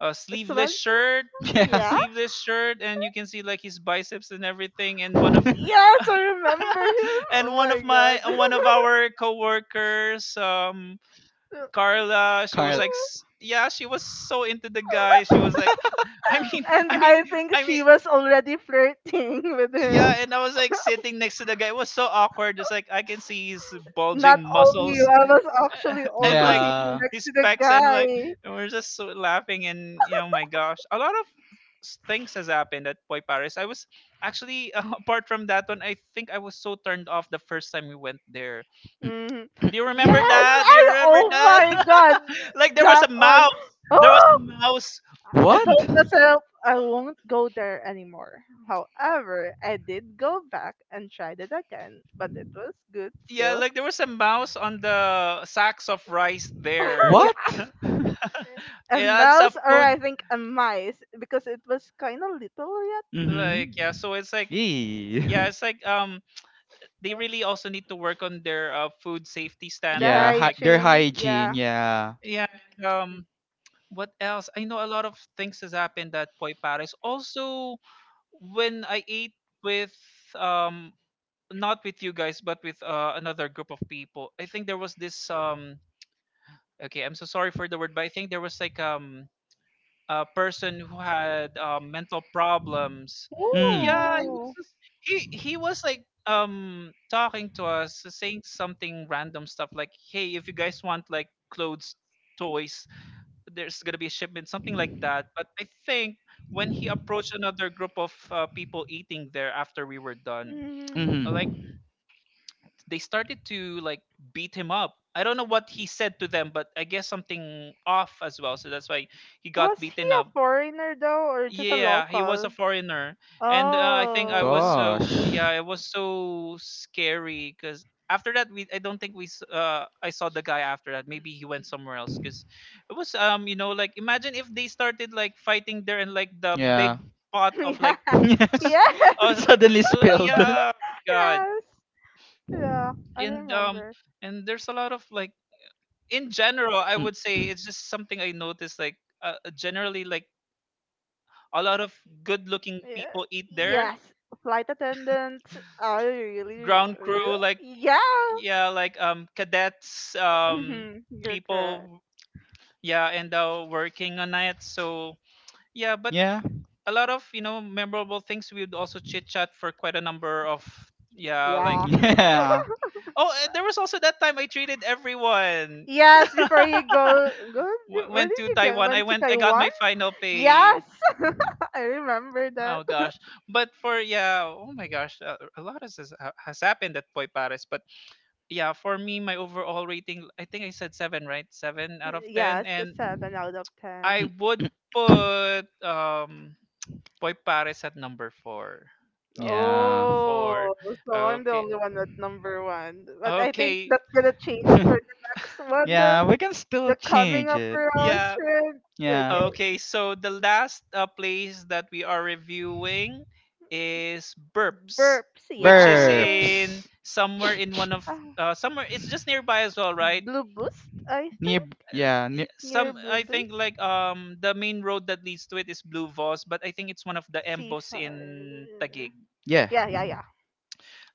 Speaker 1: a
Speaker 2: [laughs]
Speaker 1: sleeveless
Speaker 2: smash.
Speaker 1: shirt. [laughs]
Speaker 3: yeah.
Speaker 2: Yeah.
Speaker 1: Sleeveless shirt, and you can see like his biceps and everything, and one of
Speaker 2: Yes, I
Speaker 3: [laughs]
Speaker 2: remember him.
Speaker 1: [laughs] and
Speaker 2: Oh
Speaker 1: one of my,
Speaker 2: my
Speaker 1: one of our coworkers,
Speaker 2: god.
Speaker 1: Carla, she was
Speaker 3: Carl.
Speaker 1: like
Speaker 2: [laughs]
Speaker 1: yeah, she was so into the guy, she was like, I mean [laughs]
Speaker 2: And
Speaker 1: I mean
Speaker 2: I think
Speaker 1: I mean,
Speaker 2: she was already flirting [laughs] with him.
Speaker 1: yeah. And I was like sitting next to the guy, it was so awkward, just like I can see his
Speaker 2: Not
Speaker 1: bulging
Speaker 2: only you,
Speaker 1: muscles
Speaker 2: I was actually
Speaker 1: [laughs] and
Speaker 2: also
Speaker 1: like
Speaker 2: sitting
Speaker 3: Yeah.
Speaker 2: next
Speaker 1: his
Speaker 2: to the
Speaker 1: pecs and like,
Speaker 2: guy.
Speaker 1: and we're just so laughing, and you know my gosh, a lot of things has happened at Boy Paris. I was actually [laughs] apart from that one, I think I was so turned off the first time we went there.
Speaker 3: Mm.
Speaker 2: Hmm.
Speaker 1: Do you remember
Speaker 2: Yes,
Speaker 1: that? Do
Speaker 2: I.
Speaker 1: you remember
Speaker 2: Oh
Speaker 1: that?
Speaker 2: my god,
Speaker 1: [laughs] Like there was a
Speaker 2: that one.
Speaker 1: mouse. There was a
Speaker 2: Oh,
Speaker 1: mouse.
Speaker 2: I
Speaker 3: What?
Speaker 2: told myself I won't go there anymore. However, I did go back and tried it again, but it was good
Speaker 1: Yeah,
Speaker 2: still.
Speaker 1: like there was a mouse on the sacks of rice there.
Speaker 2: [laughs] Yeah.
Speaker 3: What?
Speaker 2: A
Speaker 1: Yeah, it's a
Speaker 2: mouse, or
Speaker 1: food.
Speaker 2: I think a mice because it was kind of little yet.
Speaker 1: Like yeah,
Speaker 3: Mm-hmm.
Speaker 1: so it's like, yeah,
Speaker 3: Eee.
Speaker 1: it's like
Speaker 3: [laughs]
Speaker 1: they really also need to work on their food safety
Speaker 2: The
Speaker 1: standard.
Speaker 3: Yeah,
Speaker 1: Like,
Speaker 3: their
Speaker 2: hygiene,
Speaker 3: hygiene.
Speaker 2: yeah.
Speaker 3: Yeah.
Speaker 1: yeah, um, what else? I know a lot of things has happened at Poi Paris. Also, when I ate with um, not with you guys, but with another group of people, I think there was this. Okay, I'm so sorry for the word, but I think there was like a person who had mental problems.
Speaker 3: Mm.
Speaker 1: Yeah, he was,
Speaker 2: Ooh.
Speaker 1: just- he was like talking to us, saying something random stuff like, "Hey, if you guys want like clothes, toys, there's gonna be a shipment," something like that. But I think when he approached another group of people eating there after we were done,
Speaker 2: Hmm.
Speaker 1: like
Speaker 3: Mm-hmm.
Speaker 1: they started to like beat him up. I don't know what he said to them, but I guess something off as well. So that's why he got
Speaker 2: Was he
Speaker 1: beaten
Speaker 2: a
Speaker 1: up.
Speaker 2: foreigner though, or just a
Speaker 1: Yeah, he was a
Speaker 2: local?
Speaker 1: foreigner, and I think I was
Speaker 2: Oh,
Speaker 1: so,
Speaker 3: Gosh.
Speaker 1: yeah, it was so scary because after that we, I don't think we I saw the guy after that. Maybe he went somewhere else because it was you know, like imagine if they started like fighting there, and like the big
Speaker 3: Yeah.
Speaker 1: pot
Speaker 2: [laughs]
Speaker 1: of like
Speaker 2: yeah,
Speaker 3: [laughs]
Speaker 2: [laughs]
Speaker 1: s-
Speaker 2: yes, [laughs]
Speaker 3: It
Speaker 1: uh
Speaker 3: suddenly spilled.
Speaker 1: yeah, my God.
Speaker 2: yes. Yeah, I
Speaker 1: And
Speaker 2: remember.
Speaker 1: and there's a lot of like, in general I would say,
Speaker 3: Mm.
Speaker 1: it's just something I noticed, like generally like a lot of good looking
Speaker 2: Yeah.
Speaker 1: people eat there,
Speaker 2: Yes, flight attendant. I really,
Speaker 1: ground crew
Speaker 2: really,
Speaker 1: like,
Speaker 2: yeah.
Speaker 1: yeah, like cadets,
Speaker 2: Mm-hmm. You're correct.
Speaker 1: people, yeah, and working on it. So yeah, but
Speaker 3: Yeah.
Speaker 1: a lot of you know memorable things. We would also chit chat for quite a number of, yeah, like,
Speaker 2: Yeah.
Speaker 3: Yeah.
Speaker 1: oh, and there was also that time I treated everyone.
Speaker 2: Yes, before
Speaker 1: [laughs]
Speaker 2: you go, go. Where
Speaker 1: Went
Speaker 2: did
Speaker 1: to
Speaker 2: you go?
Speaker 1: Taiwan, I
Speaker 2: Went to
Speaker 1: went, I got
Speaker 2: Taiwan.
Speaker 1: my final pay.
Speaker 2: Yes, [laughs] I remember
Speaker 1: Oh
Speaker 2: that.
Speaker 1: gosh. But for, yeah, oh my gosh, a lot has happened at Boy Paris, but. Yeah, for me, my overall rating, I think I said 7, right? Seven out
Speaker 2: Y-
Speaker 1: of
Speaker 2: yes,
Speaker 1: ten,
Speaker 2: a
Speaker 1: and
Speaker 2: seven out of
Speaker 1: I
Speaker 2: ten.
Speaker 1: would
Speaker 3: [laughs]
Speaker 1: put Boy Paris at number four.
Speaker 3: Yeah.
Speaker 1: Four.
Speaker 2: Oh, so I'm the
Speaker 1: Okay.
Speaker 2: only one at number one. But I think
Speaker 1: Okay.
Speaker 2: that's gonna change for the next
Speaker 1: [laughs]
Speaker 3: [laughs]
Speaker 2: one,
Speaker 3: yeah, we can still
Speaker 2: the coming
Speaker 3: change
Speaker 2: up
Speaker 3: it.
Speaker 2: for us
Speaker 1: Yeah.
Speaker 2: trend.
Speaker 3: Yeah.
Speaker 2: Okay.
Speaker 1: Okay. So the last place that we are reviewing is Burps,
Speaker 2: Burps,
Speaker 1: which is
Speaker 2: yes.
Speaker 1: in
Speaker 3: Burps.
Speaker 1: somewhere in one of
Speaker 2: Ah,
Speaker 1: somewhere. It's just nearby as well, right?
Speaker 2: Blue Boost, I
Speaker 3: Near,
Speaker 2: think.
Speaker 1: Uh,
Speaker 3: yeah, near,
Speaker 1: yeah,
Speaker 2: Near
Speaker 1: some,
Speaker 2: Blue
Speaker 1: I think
Speaker 2: Boost.
Speaker 1: like the main road that leads to it is Blue Voss, but I think it's one of the embos
Speaker 2: C5.
Speaker 1: in Tagig.
Speaker 3: yeah.
Speaker 2: Yeah, yeah, yeah.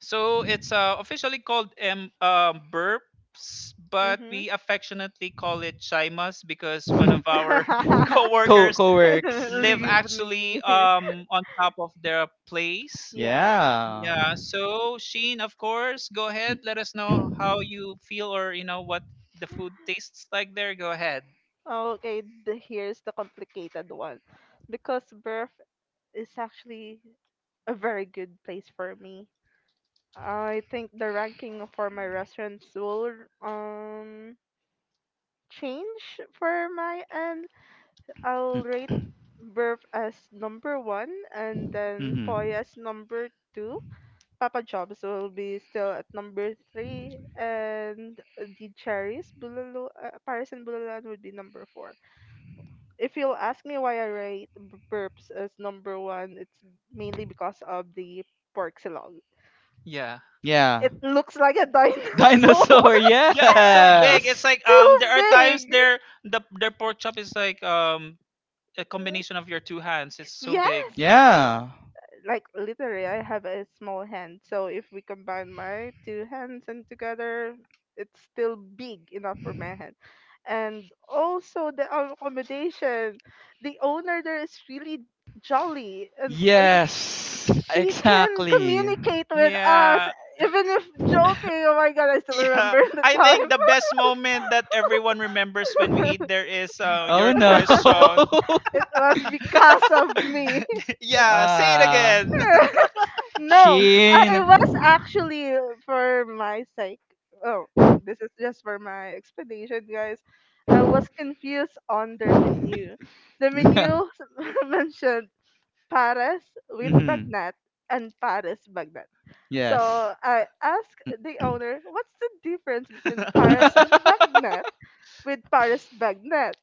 Speaker 1: So it's officially called M burps, but
Speaker 2: Mm-hmm.
Speaker 1: we affectionately call it Chimas because one of our
Speaker 3: [laughs]
Speaker 1: [laughs]
Speaker 3: Co
Speaker 1: coworkers
Speaker 2: [laughs]
Speaker 3: co-works.
Speaker 1: live
Speaker 2: Leave
Speaker 1: actually
Speaker 2: me.
Speaker 1: on
Speaker 2: [laughs]
Speaker 1: top of their place.
Speaker 2: Yeah.
Speaker 3: Yeah.
Speaker 1: Yeah, so Sheen, of course, go ahead. Let us know how you feel, or you know what the food tastes like there. Go ahead.
Speaker 2: Okay, the, here's the complicated one. Because birth is actually a very good place for me. I think the ranking for my restaurants will um change for my end. I'll rate Burf as number one and then
Speaker 3: Mm-hmm.
Speaker 2: Poi as number two. Papa Jobs will be still at number three, and the cherries, Bulalo, Paris and Bulalan would be number four. If you'll ask me why I rate burps as number one, it's mainly because of the pork silog.
Speaker 1: Yeah.
Speaker 3: Yeah.
Speaker 2: It looks like a dinosaur.
Speaker 3: Dinosaur, [laughs]
Speaker 1: Yeah, it's so
Speaker 2: [laughs]
Speaker 1: big, it's
Speaker 3: yes.
Speaker 2: It's
Speaker 1: like
Speaker 2: too
Speaker 1: there are
Speaker 2: big.
Speaker 1: times
Speaker 2: [laughs]
Speaker 1: there the, their pork chop is like a combination of your two hands, it's so big.
Speaker 2: Yes.
Speaker 3: Yeah.
Speaker 2: Like literally I have a small hand. So if we combine my two hands and together, it's still big enough for my hand. And also the accommodation, the owner there is really jolly and
Speaker 3: Yes.
Speaker 2: she can
Speaker 3: Exactly.
Speaker 2: communicate with us
Speaker 1: Yeah.
Speaker 2: even if joking. Oh my god, I
Speaker 1: [laughs]
Speaker 2: still
Speaker 1: Yeah,
Speaker 2: remember [laughs] the
Speaker 1: I
Speaker 2: time.
Speaker 1: think the best moment that everyone remembers when we eat there is
Speaker 3: Oh
Speaker 1: your
Speaker 3: no.
Speaker 1: question.
Speaker 2: [laughs]
Speaker 3: [laughs]
Speaker 2: It was because of me.
Speaker 1: [laughs] Yeah, say it
Speaker 3: Ah.
Speaker 1: again.
Speaker 2: [laughs] No, I
Speaker 3: Sheen.
Speaker 2: was
Speaker 3: [laughs]
Speaker 2: actually for my sake. Oh, this is just for my explanation, guys. I was confused on their menu. The menu [laughs] mentioned Paris with
Speaker 3: Mhm.
Speaker 2: Bagnat and Paris Bagnat. So
Speaker 3: Yes.
Speaker 2: I asked the owner, "What's the difference between Paris
Speaker 3: [laughs]
Speaker 2: and Bagnat with Paris Bagnat?"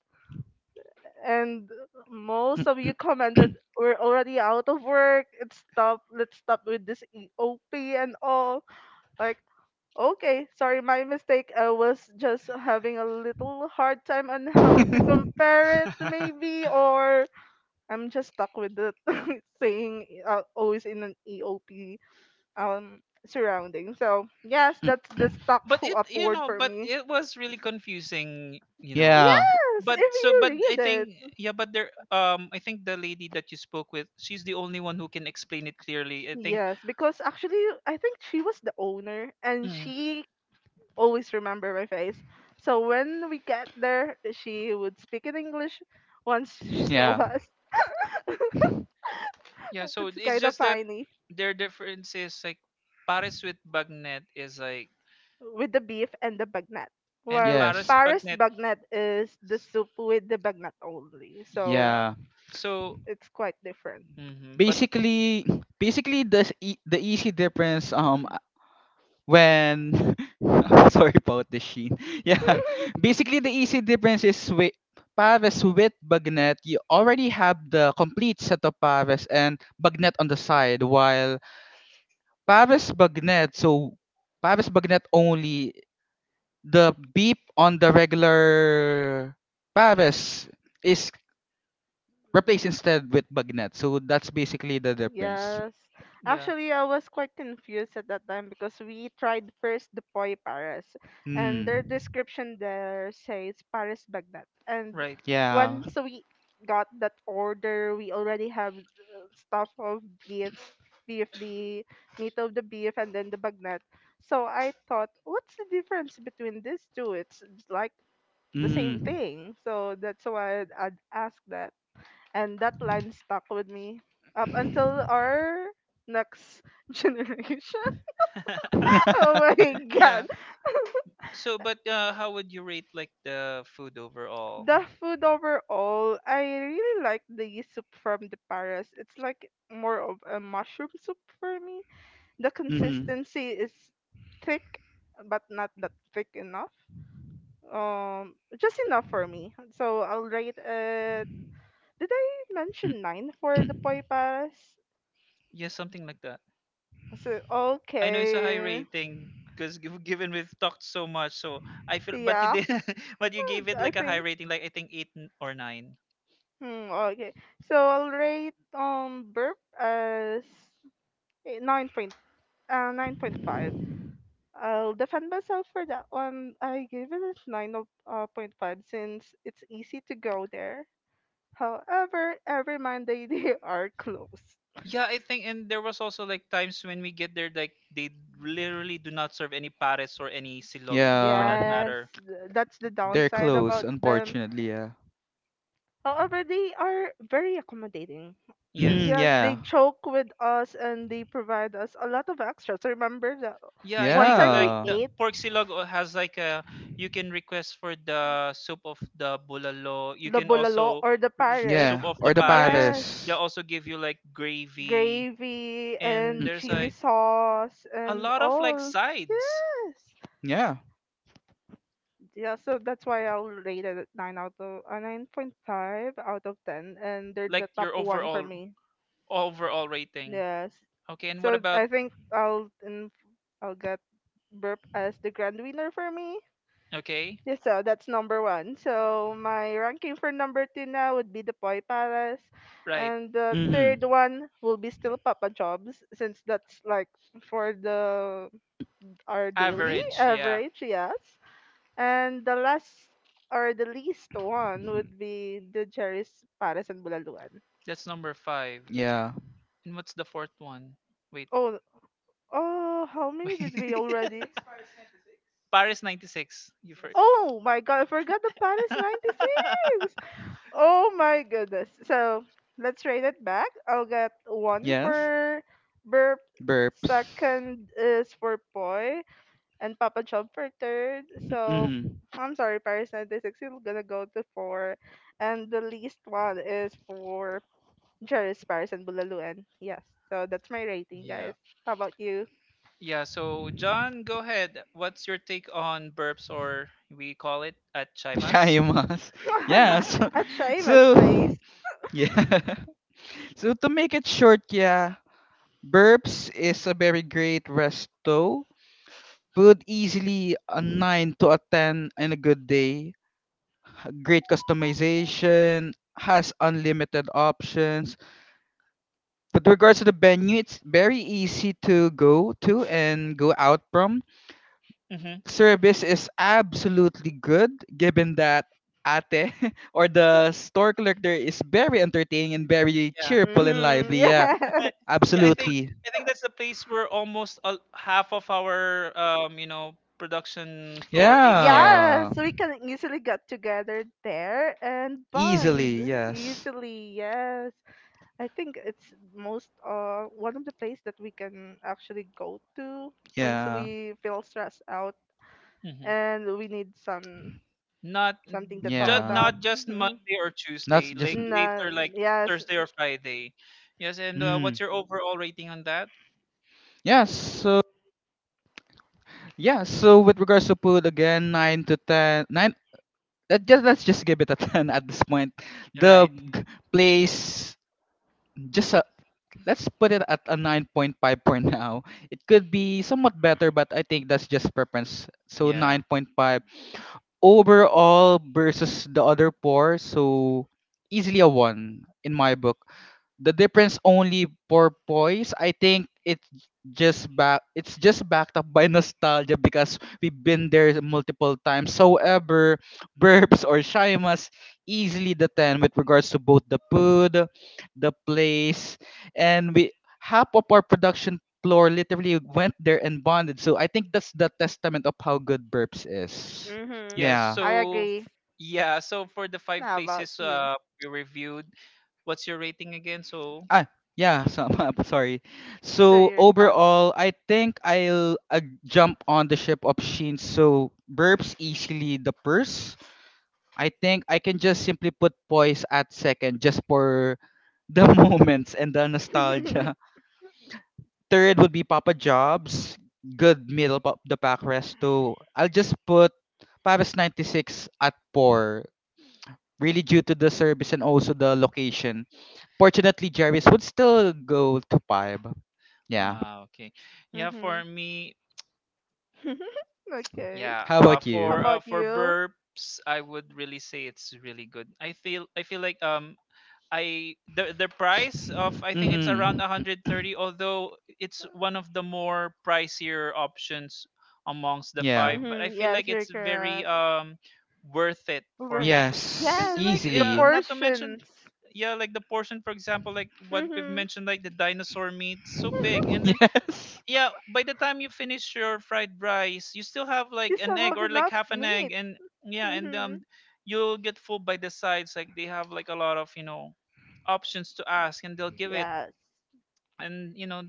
Speaker 2: And most of you commented, "We're already out of work. It's stop Let's stop with this EOP and all." like okay, sorry, my mistake. I was just having a little hard time on how to compare it,
Speaker 1: [laughs]
Speaker 2: maybe. Or I'm just stuck with the [laughs] saying, always in an EOP um surrounding. So yes, that's the stuck
Speaker 1: But it
Speaker 2: up
Speaker 1: you
Speaker 2: word
Speaker 1: know,
Speaker 2: for
Speaker 1: but
Speaker 2: me.
Speaker 1: it was really confusing, you know.
Speaker 3: yeah.
Speaker 2: Yes, if
Speaker 1: But so, but
Speaker 2: you
Speaker 1: I
Speaker 2: read.
Speaker 1: think yeah, but there I think the lady that you spoke with, she's the only one who can explain it clearly, I think.
Speaker 2: Yes, because actually, I think she was the owner and
Speaker 1: Mm,
Speaker 2: she always remember my face. So when we get there, she would speak in English once [laughs] she saw
Speaker 3: Yeah.
Speaker 2: us.
Speaker 1: yeah,
Speaker 2: [laughs]
Speaker 1: so
Speaker 2: It's
Speaker 1: it's
Speaker 2: kind of
Speaker 1: just that
Speaker 2: funny,
Speaker 1: their difference is like Paris with bagnet is like,
Speaker 2: with the beef and the bagnet.
Speaker 1: and
Speaker 2: While
Speaker 1: Paris
Speaker 3: Yes.
Speaker 2: Paris
Speaker 1: bagnet,
Speaker 2: bagnet is the soup with the bagnet only. So
Speaker 1: yeah,
Speaker 3: Yeah.
Speaker 1: so.
Speaker 2: it's quite different.
Speaker 1: Mhm, but
Speaker 3: basically Basically the easy difference when [laughs] I'm sorry about the sheen [laughs] yeah,
Speaker 2: [laughs]
Speaker 3: basically the easy difference is with Pares with Bagnet you already have the complete set of Pares and Bagnet on the side, while Pares Bagnet so Pares Bagnet only, the beep on the regular Pares is replaced instead with Bagnet, so that's basically the difference.
Speaker 2: Yes.
Speaker 1: yeah,
Speaker 2: Actually, I was quite confused at that time because we tried first the Poi Paris, and their
Speaker 3: Hmm.
Speaker 2: description there says Paris Baghdad. And
Speaker 1: right.
Speaker 3: Yeah.
Speaker 2: once we got that order, we already have stuff of beef, beef, the meat of the beef, and then the Baghdad. So I thought, what's the difference between these two? It's like the same
Speaker 3: Mm.
Speaker 2: thing. So that's why I asked that. And that line stuck with me up until our next [laughs] generation. [laughs]
Speaker 1: [laughs]
Speaker 3: [laughs]
Speaker 2: Oh my
Speaker 1: Yeah.
Speaker 2: god.
Speaker 1: So, but how would you rate like the food overall?
Speaker 2: The food overall, I really like the soup from the Paris. It's like more of a mushroom soup for me. The
Speaker 3: Mhm.
Speaker 2: consistency is thick but not that thick enough. Just enough for me. So I'll rate it, did I
Speaker 3: Mm.
Speaker 2: mention nine for the Poi Paris?
Speaker 1: Yeah, something like that.
Speaker 2: So
Speaker 1: I know it's a high
Speaker 2: okay.
Speaker 1: rating because given we've talked so much, so I feel. But you
Speaker 2: Yeah. [laughs]
Speaker 1: did, [laughs] but you gave it
Speaker 2: I
Speaker 1: like a high
Speaker 2: think.
Speaker 1: rating, like I think eight n- or nine.
Speaker 2: Hmm, okay. So I'll rate burp as 9 point 9.5. I'll defend myself for that one. I gave it a nine of point five, since it's easy to go there. However, every Monday [laughs] they are closed.
Speaker 1: Yeah, I think, and there was also like times when we get there, like they literally do not serve any pares or any silog for
Speaker 3: Yeah,
Speaker 1: that
Speaker 2: Yes,
Speaker 1: matter.
Speaker 2: that's the
Speaker 3: they're
Speaker 2: downside
Speaker 3: close,
Speaker 2: about them.
Speaker 3: unfortunately. Yeah.
Speaker 2: However, they are very accommodating.
Speaker 1: Yes.
Speaker 3: Mm,
Speaker 2: Yes,
Speaker 3: yeah.
Speaker 2: they joke with us and they provide us a lot of extras. So remember that
Speaker 1: Yeah, I
Speaker 2: one
Speaker 1: think
Speaker 2: time
Speaker 1: like
Speaker 2: we
Speaker 3: Yeah.
Speaker 1: the
Speaker 2: ate
Speaker 1: pork silog has like a— you can request for the soup of the bulalo. You
Speaker 2: the
Speaker 1: can
Speaker 2: bulalo
Speaker 1: also
Speaker 2: or the
Speaker 1: the
Speaker 2: Paris.
Speaker 1: soup
Speaker 3: Yeah.
Speaker 1: of the
Speaker 3: Or the
Speaker 1: pares.
Speaker 2: Yes,
Speaker 1: They
Speaker 3: Paris.
Speaker 1: also give you like gravy
Speaker 2: gravy
Speaker 1: and
Speaker 3: Mm,
Speaker 2: and
Speaker 1: there's
Speaker 2: chili
Speaker 1: like
Speaker 2: sauce
Speaker 1: a
Speaker 2: and
Speaker 1: lot of like
Speaker 2: all.
Speaker 1: sides.
Speaker 2: Yes.
Speaker 3: yeah.
Speaker 2: Yeah, so that's why I'll rate it 9 out of 9.5 out of 10, and they're
Speaker 1: Like
Speaker 2: the top
Speaker 1: your
Speaker 2: one for
Speaker 1: overall
Speaker 2: me.
Speaker 1: overall rating.
Speaker 2: Yes.
Speaker 1: Okay, and what
Speaker 2: So
Speaker 1: about—
Speaker 2: I think I'll get burp as the grand winner for me.
Speaker 1: okay?
Speaker 2: Yeah, so that's number one. So my ranking for number two now would be the Poi Palace,
Speaker 1: Right.
Speaker 2: and the
Speaker 3: Mm-hmm.
Speaker 2: third one will be still Papa Jobs, since that's like for the our daily
Speaker 1: Average, yeah.
Speaker 2: average. Yes. And the last or the least one
Speaker 3: [laughs]
Speaker 2: would be the Jerry's Palace and Bulaluan.
Speaker 1: That's number 5.
Speaker 3: Yeah.
Speaker 1: And what's the fourth one? Wait.
Speaker 2: Oh. Oh, how
Speaker 1: [laughs]
Speaker 2: many did we
Speaker 1: Wait.
Speaker 2: already?
Speaker 1: Paris 96. You first.
Speaker 2: Oh my god, I forgot the Paris 96. Oh my goodness. So let's rate it back. I'll get one
Speaker 3: Yes.
Speaker 2: for burp.
Speaker 3: Burps.
Speaker 2: Second is for poi, and Papa Job for third. So
Speaker 3: Mm-hmm.
Speaker 2: I'm sorry, Paris 96 is gonna go to four. And the least one is for Jerry's Paris and Bulaluan. Yes. So that's my rating,
Speaker 1: Yeah.
Speaker 2: guys. How about you?
Speaker 1: Yeah, so John, go ahead. What's your take on burps, or we call it at Chimas?
Speaker 3: Shyamas. [laughs] Yeah.
Speaker 1: [laughs]
Speaker 3: So,
Speaker 2: [laughs] At Seamus
Speaker 3: so
Speaker 2: place.
Speaker 3: yeah. [laughs] So, to make it short, yeah, Burps is a very great resto. Could easily a 9 to a 10 in a good day. Great customization, has unlimited options. But regards to the venue, it's very easy to go to and go out from.
Speaker 1: Hmm.
Speaker 3: Service is absolutely good, given that ate [laughs] or the store clerk there is very entertaining and very
Speaker 1: Yeah.
Speaker 3: cheerful and lively. Yeah,
Speaker 2: Mm-hmm. [laughs]
Speaker 1: [laughs] Yeah, I think
Speaker 3: absolutely.
Speaker 1: I think that's the place where almost all, half of our production floor
Speaker 2: Yes.
Speaker 1: ate there.
Speaker 2: Yeah,
Speaker 3: Yeah.
Speaker 2: so we can easily get together there and bond
Speaker 3: Easily, yes.
Speaker 2: easily. Yes, I think it's most one of the place that we can actually go to once
Speaker 3: Yeah.
Speaker 2: we feel stressed out
Speaker 1: Hmm.
Speaker 2: and we need some
Speaker 1: Not
Speaker 2: something to talk
Speaker 1: just
Speaker 3: Yeah.
Speaker 2: about.
Speaker 1: not just
Speaker 2: Mhm.
Speaker 1: Monday or
Speaker 3: That's
Speaker 1: Tuesday,
Speaker 3: just.
Speaker 1: like
Speaker 2: Nah,
Speaker 1: later like
Speaker 2: yes.
Speaker 1: Thursday or Friday. Yes, and
Speaker 3: Hmm.
Speaker 1: what's your overall rating on that?
Speaker 3: Yeah, so yeah, so with regards to food again, nine to ten, nine. Just let's just give it a [laughs] ten at this point. The
Speaker 1: Right.
Speaker 3: g- place, just a, let's put it at a 9.5 for now. It could be somewhat better, but I think that's just preference. So,
Speaker 1: Yeah.
Speaker 3: 9.5 overall versus the other four, so easily a one in my book. The difference only for poise, I think it's just back it's just backed up by [laughs] nostalgia, because we've been there multiple times. However, burps or shimas, easily the 10 with regards to both the food, the place, and we half of our production floor literally went there and bonded, so I think that's the testament of how good burps is.
Speaker 1: S-
Speaker 2: Mm-hmm.
Speaker 1: Yeah,
Speaker 3: Yeah.
Speaker 2: I
Speaker 1: so f-
Speaker 2: agree.
Speaker 1: yeah, so for the five
Speaker 2: How about
Speaker 1: places
Speaker 2: you?
Speaker 1: we reviewed, what's your rating again? So,
Speaker 3: Ah, yeah. So [laughs] sorry.
Speaker 2: So
Speaker 3: So
Speaker 2: you're top.
Speaker 3: overall, I think I'll jump on the ship of Shin. So burps easily the purse. I think I can just simply put poise at second, just for the [laughs] moments and the
Speaker 2: [laughs] Mm-hmm.
Speaker 3: nostalgia. Third would be Papa Jobs. Good middle of the pack resto. I'll just put Paris 96 at four. Really due to the service and also the location. Fortunately, Jerry's would still go to five. Yeah.
Speaker 1: ah, okay. Yeah, for me,
Speaker 2: [laughs] Okay.
Speaker 1: yeah,
Speaker 3: How
Speaker 1: uh
Speaker 3: about
Speaker 2: How
Speaker 1: for
Speaker 3: you?
Speaker 1: uh
Speaker 2: about
Speaker 1: for
Speaker 2: you?
Speaker 1: burps, I would really say it's really good. I feel like um, I the price of, I think, it's around
Speaker 3: Mm-hmm.
Speaker 1: 130. Although it's one of the more pricier options amongst the
Speaker 3: Yeah.
Speaker 1: five, but I
Speaker 2: Mm-hmm.
Speaker 1: feel
Speaker 2: Yes,
Speaker 1: like
Speaker 2: you're
Speaker 1: it's very
Speaker 2: correct.
Speaker 1: um, worth it for
Speaker 2: Worth
Speaker 1: me.
Speaker 2: it.
Speaker 1: Cuz
Speaker 3: Yes.
Speaker 2: Yes,
Speaker 1: like,
Speaker 2: the
Speaker 1: yeah,
Speaker 3: Easily. [laughs]
Speaker 1: not to
Speaker 2: portions.
Speaker 1: mention, yeah, like the portion, for example, like what we've
Speaker 2: Mhm.
Speaker 1: mentioned, like the dinosaur meat, so big. And then,
Speaker 3: Yes.
Speaker 1: yeah, by the time you finish your fried rice, you still have
Speaker 2: You
Speaker 1: like
Speaker 2: still
Speaker 1: an egg
Speaker 2: have
Speaker 1: or like
Speaker 2: enough
Speaker 1: half an
Speaker 2: meat.
Speaker 1: egg, and yeah. And
Speaker 2: Mhm.
Speaker 1: you'll get full by the sides. Like they have like a lot of, you know, options to ask, and they'll give it.
Speaker 2: Yes.
Speaker 1: And you know,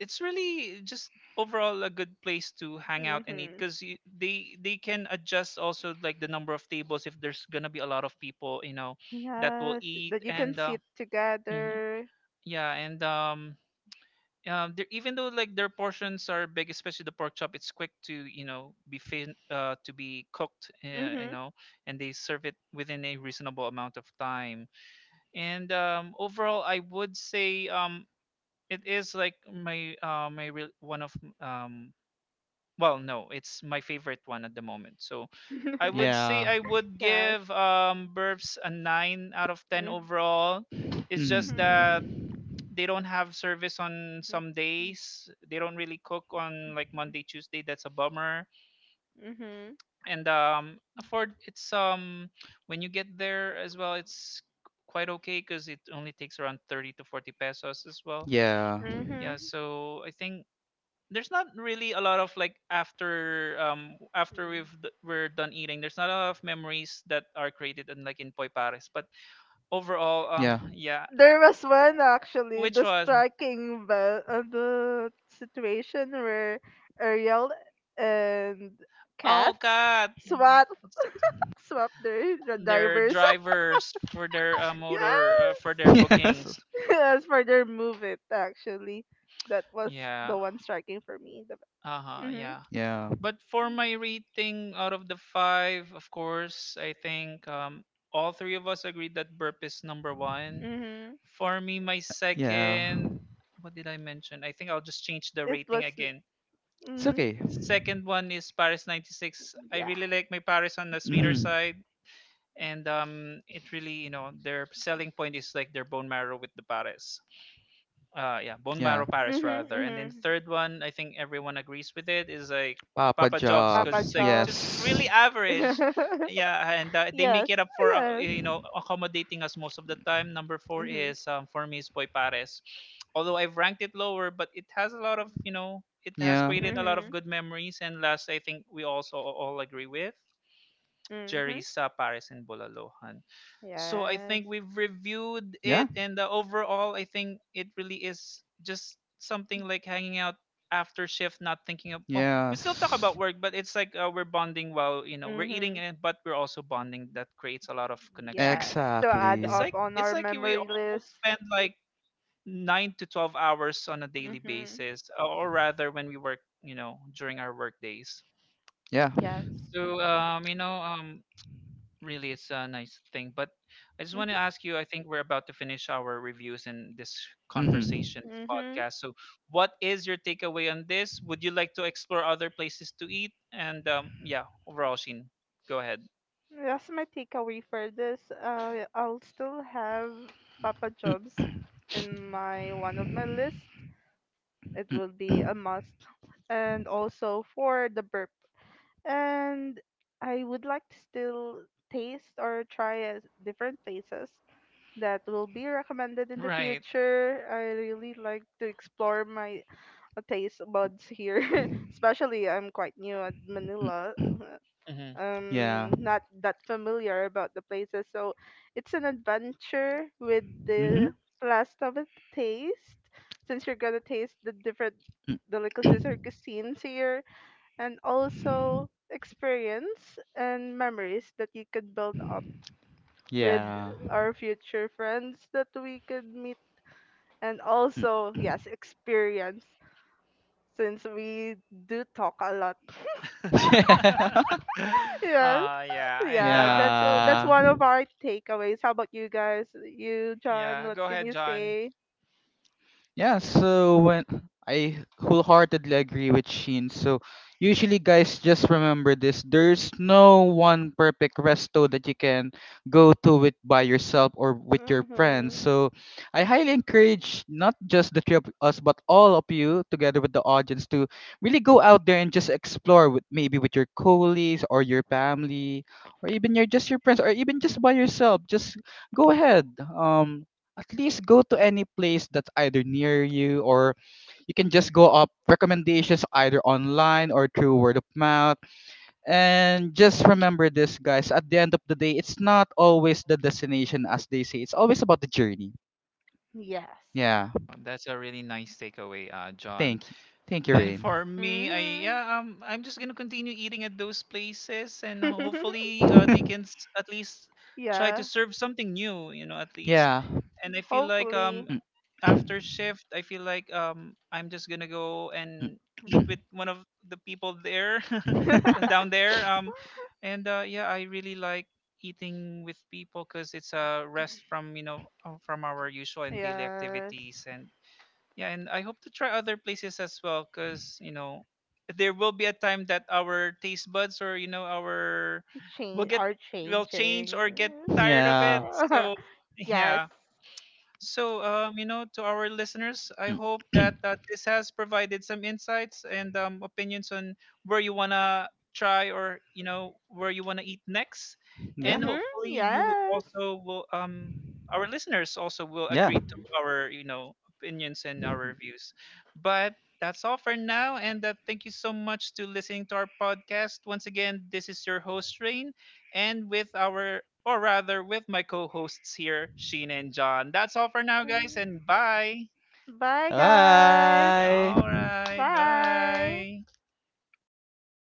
Speaker 1: it's really just overall a good place to hang out and eat
Speaker 2: Mhm.
Speaker 1: because they can adjust also like the number of tables if there's gonna be a lot of people, you know, that will
Speaker 2: Yes,
Speaker 1: eat.
Speaker 2: that you can
Speaker 1: And
Speaker 2: sit
Speaker 1: mhm.
Speaker 2: together.
Speaker 1: Yeah, and um, even though like their portions are big, especially the pork chop, it's quick to, you know, be to be cooked, you
Speaker 2: Mhm.
Speaker 1: know, and they serve it within a reasonable amount of time. And overall, I would say it is like my my real one of um, well, no, it's my favorite one at the moment. So I would
Speaker 2: [laughs]
Speaker 1: say
Speaker 3: Yeah.
Speaker 1: I would
Speaker 2: yes.
Speaker 1: give um, Burbs a nine out of ten
Speaker 2: Mm.
Speaker 1: overall. It's just
Speaker 2: Mhm.
Speaker 1: that
Speaker 3: Mm.
Speaker 1: they don't have service on some days. They don't really cook on like Monday, Tuesday. That's a bummer.
Speaker 2: Mhm.
Speaker 1: And for it's when you get there as well, it's quite okay because it only takes around 30 to 40 pesos as well.
Speaker 3: Yeah.
Speaker 2: Mhm.
Speaker 1: Yeah, so I think there's not really a lot of like, after we've we're done eating. There's not a lot of memories that are created in like in Poy Pares. But overall,
Speaker 3: Yeah.
Speaker 1: yeah,
Speaker 2: There was one actually, the
Speaker 1: which was—
Speaker 2: striking bell, the situation where Ariel and
Speaker 1: oh
Speaker 2: Kath
Speaker 1: God,
Speaker 2: swap their
Speaker 1: their
Speaker 2: drivers.
Speaker 1: drivers for their
Speaker 2: [laughs] Yes.
Speaker 1: motor for their
Speaker 3: [laughs] Yes.
Speaker 1: bookings.
Speaker 2: [laughs] Yes, for their move it actually. That was
Speaker 1: Yeah.
Speaker 2: the one striking for me. The,
Speaker 1: Uh-huh,
Speaker 2: mm-hmm,
Speaker 1: yeah.
Speaker 3: Yeah.
Speaker 1: But for my rating out of the 5, of course, I think um, all three of us agreed that burp is number 1.
Speaker 2: mm-hmm.
Speaker 1: For me my
Speaker 3: Yeah.
Speaker 1: second, what did I mention? I think I'll just change the
Speaker 2: It
Speaker 1: rating
Speaker 2: was,
Speaker 1: again.
Speaker 3: It's
Speaker 2: mm-hmm,
Speaker 3: okay.
Speaker 1: Second one is Paris 96. I
Speaker 2: yeah.
Speaker 1: really like my Paris on the sweeter
Speaker 3: Mm.
Speaker 1: side, and um, it really, you know, their selling point is like their bone marrow with the Paris. Uh, yeah, bone
Speaker 3: Yeah.
Speaker 1: marrow paris
Speaker 2: Mm-hmm,
Speaker 1: rather. And then
Speaker 2: mm-hmm.
Speaker 1: the third one, I think everyone agrees with it, is like
Speaker 3: Papa
Speaker 1: Papa Jobs, because
Speaker 2: Papa
Speaker 3: jobs.
Speaker 1: it's like
Speaker 2: Jobs.
Speaker 1: just
Speaker 3: Yes.
Speaker 1: really average.
Speaker 2: [laughs]
Speaker 1: Yeah, and they make
Speaker 2: Yes,
Speaker 1: it up for,
Speaker 2: yes.
Speaker 1: you know, accommodating us most of the time. Number four
Speaker 2: Mm-hmm.
Speaker 1: is for me is Boy Paris, although I've ranked it lower, but it has a lot of, you know, it has
Speaker 3: Yeah.
Speaker 1: created a lot of
Speaker 2: Mm-hmm.
Speaker 1: good memories. And last, I think we also all agree with
Speaker 2: Mm-hmm.
Speaker 1: Jerry's, Paris and Bulalo. So I
Speaker 2: Yes.
Speaker 1: think we've reviewed
Speaker 3: Yeah.
Speaker 1: it, and overall, I think it really is just something like hanging out after shift, not thinking of— well, we still talk
Speaker 3: Yes.
Speaker 1: about work, but it's like, we're bonding while, you know, we're eating,
Speaker 2: Mm-hmm.
Speaker 1: and but we're also bonding. That creates a lot of connections.
Speaker 2: Yes. To add
Speaker 1: It's
Speaker 3: Exactly.
Speaker 2: up
Speaker 1: like
Speaker 2: on
Speaker 1: it's
Speaker 2: our
Speaker 1: like we
Speaker 2: memory list.
Speaker 1: almost spend like 9 to 12 hours on a daily
Speaker 2: Mm-hmm.
Speaker 1: basis, or rather when we work, you know, during our work days.
Speaker 3: Yeah.
Speaker 2: Yes.
Speaker 1: So you know, really it's a nice thing. But I just want
Speaker 2: Mm-hmm.
Speaker 1: to ask you, I think we're about to finish our reviews in this conversation, this
Speaker 2: Mm-hmm.
Speaker 1: podcast.
Speaker 3: Mm-hmm.
Speaker 1: So what is your takeaway on this? Would you like to explore other places to eat? And yeah, overall, Sheen, go ahead.
Speaker 2: That's my takeaway for this. I'll still have Papa Jobs in my one of my list. It will be a must, and also for the burp. And I would like to still taste or try different places that will be recommended in the
Speaker 1: Right.
Speaker 2: future. I really like to explore my taste buds here, [laughs] especially I'm quite new at
Speaker 3: Mm-mm.
Speaker 2: Manila,
Speaker 1: Mm-hmm.
Speaker 3: Yeah.
Speaker 2: not that familiar about the places. So it's an adventure with
Speaker 3: Mm-hmm.
Speaker 2: the blast of the taste, since you're gonna taste the different delicacies or cuisines here, and also experience and memories that you could build up with
Speaker 3: Yeah.
Speaker 2: our future friends that we could meet, and
Speaker 3: Mm.
Speaker 2: also yes experience, since we do talk a lot.
Speaker 1: [laughs]
Speaker 3: [laughs] Yeah.
Speaker 2: Yes.
Speaker 1: Uh, yeah.
Speaker 3: [laughs]
Speaker 1: And
Speaker 2: Yeah, that's
Speaker 1: mhm.
Speaker 3: Yeah.
Speaker 2: one of our takeaways. How about you guys? You, John,
Speaker 1: Yeah,
Speaker 2: what
Speaker 1: go
Speaker 2: can
Speaker 1: ahead,
Speaker 2: you
Speaker 1: John.
Speaker 2: say?
Speaker 3: Yeah, so when I wholeheartedly agree with Sheen. So, usually guys, just remember this. There's no one perfect resto that you can go to with by yourself or with your friends.
Speaker 2: Mhm.
Speaker 3: So I highly encourage not just the three of us but all of you together with the audience to really go out there and just explore, with maybe with your colleagues or your family or even your just your friends, or even just by yourself. Just go ahead. At least go to any place that's either near you, or you can just go up recommendations either online or through word of mouth. And just remember this, guys, at the end of the day, it's not always the destination, as they say, it's always about the journey.
Speaker 2: Yes.
Speaker 3: Yeah.
Speaker 1: That's a really nice takeaway, John.
Speaker 3: Thank you. Thank you,
Speaker 1: And
Speaker 3: Rain.
Speaker 1: for me, I—
Speaker 2: Mhm.
Speaker 1: yeah, I'm just gonna continue eating at those places, and
Speaker 2: [laughs]
Speaker 1: hopefully, they can
Speaker 3: [laughs]
Speaker 1: at least try to
Speaker 2: Yeah.
Speaker 1: serve something new, you know, at least.
Speaker 3: yeah.
Speaker 1: And I feel like
Speaker 2: Hopefully.
Speaker 1: after shift, I feel like I'm just gonna go and eat with one of the people there, [laughs]
Speaker 3: Mm.
Speaker 2: [laughs]
Speaker 1: down there. And yeah, I really like eating with people because it's a rest from, you know, from our usual and daily
Speaker 2: Yes.
Speaker 1: activities, and yeah. And I hope to try other places as well, because you know, there will be a time that our taste buds, or you know, our will
Speaker 2: Change
Speaker 1: get—
Speaker 2: are
Speaker 1: will
Speaker 3: [laughs]
Speaker 1: change or get
Speaker 2: changing.
Speaker 1: tired of
Speaker 3: yeah.
Speaker 1: it. So
Speaker 2: [laughs] Yes.
Speaker 1: yeah. So, you know, to our listeners, I
Speaker 3: Mm.
Speaker 1: hope that
Speaker 3: [clears throat]
Speaker 1: this has provided some insights and opinions on where you want to try, or, you know, where you want to eat next.
Speaker 3: yeah.
Speaker 1: And
Speaker 2: Mhm.
Speaker 1: hopefully, you
Speaker 2: Yes.
Speaker 1: also will, our listeners also will
Speaker 3: Yeah.
Speaker 1: agree to our, you know, opinions and our reviews. But that's all for now. And thank you so much to listening to our podcast. Once again, this is your host, Rain, and with our— or rather with my co-hosts here, Sheena and John. That's all for now, guys, and bye.
Speaker 2: Bye guys.
Speaker 3: Bye.
Speaker 1: All right,
Speaker 2: Bye.
Speaker 1: bye.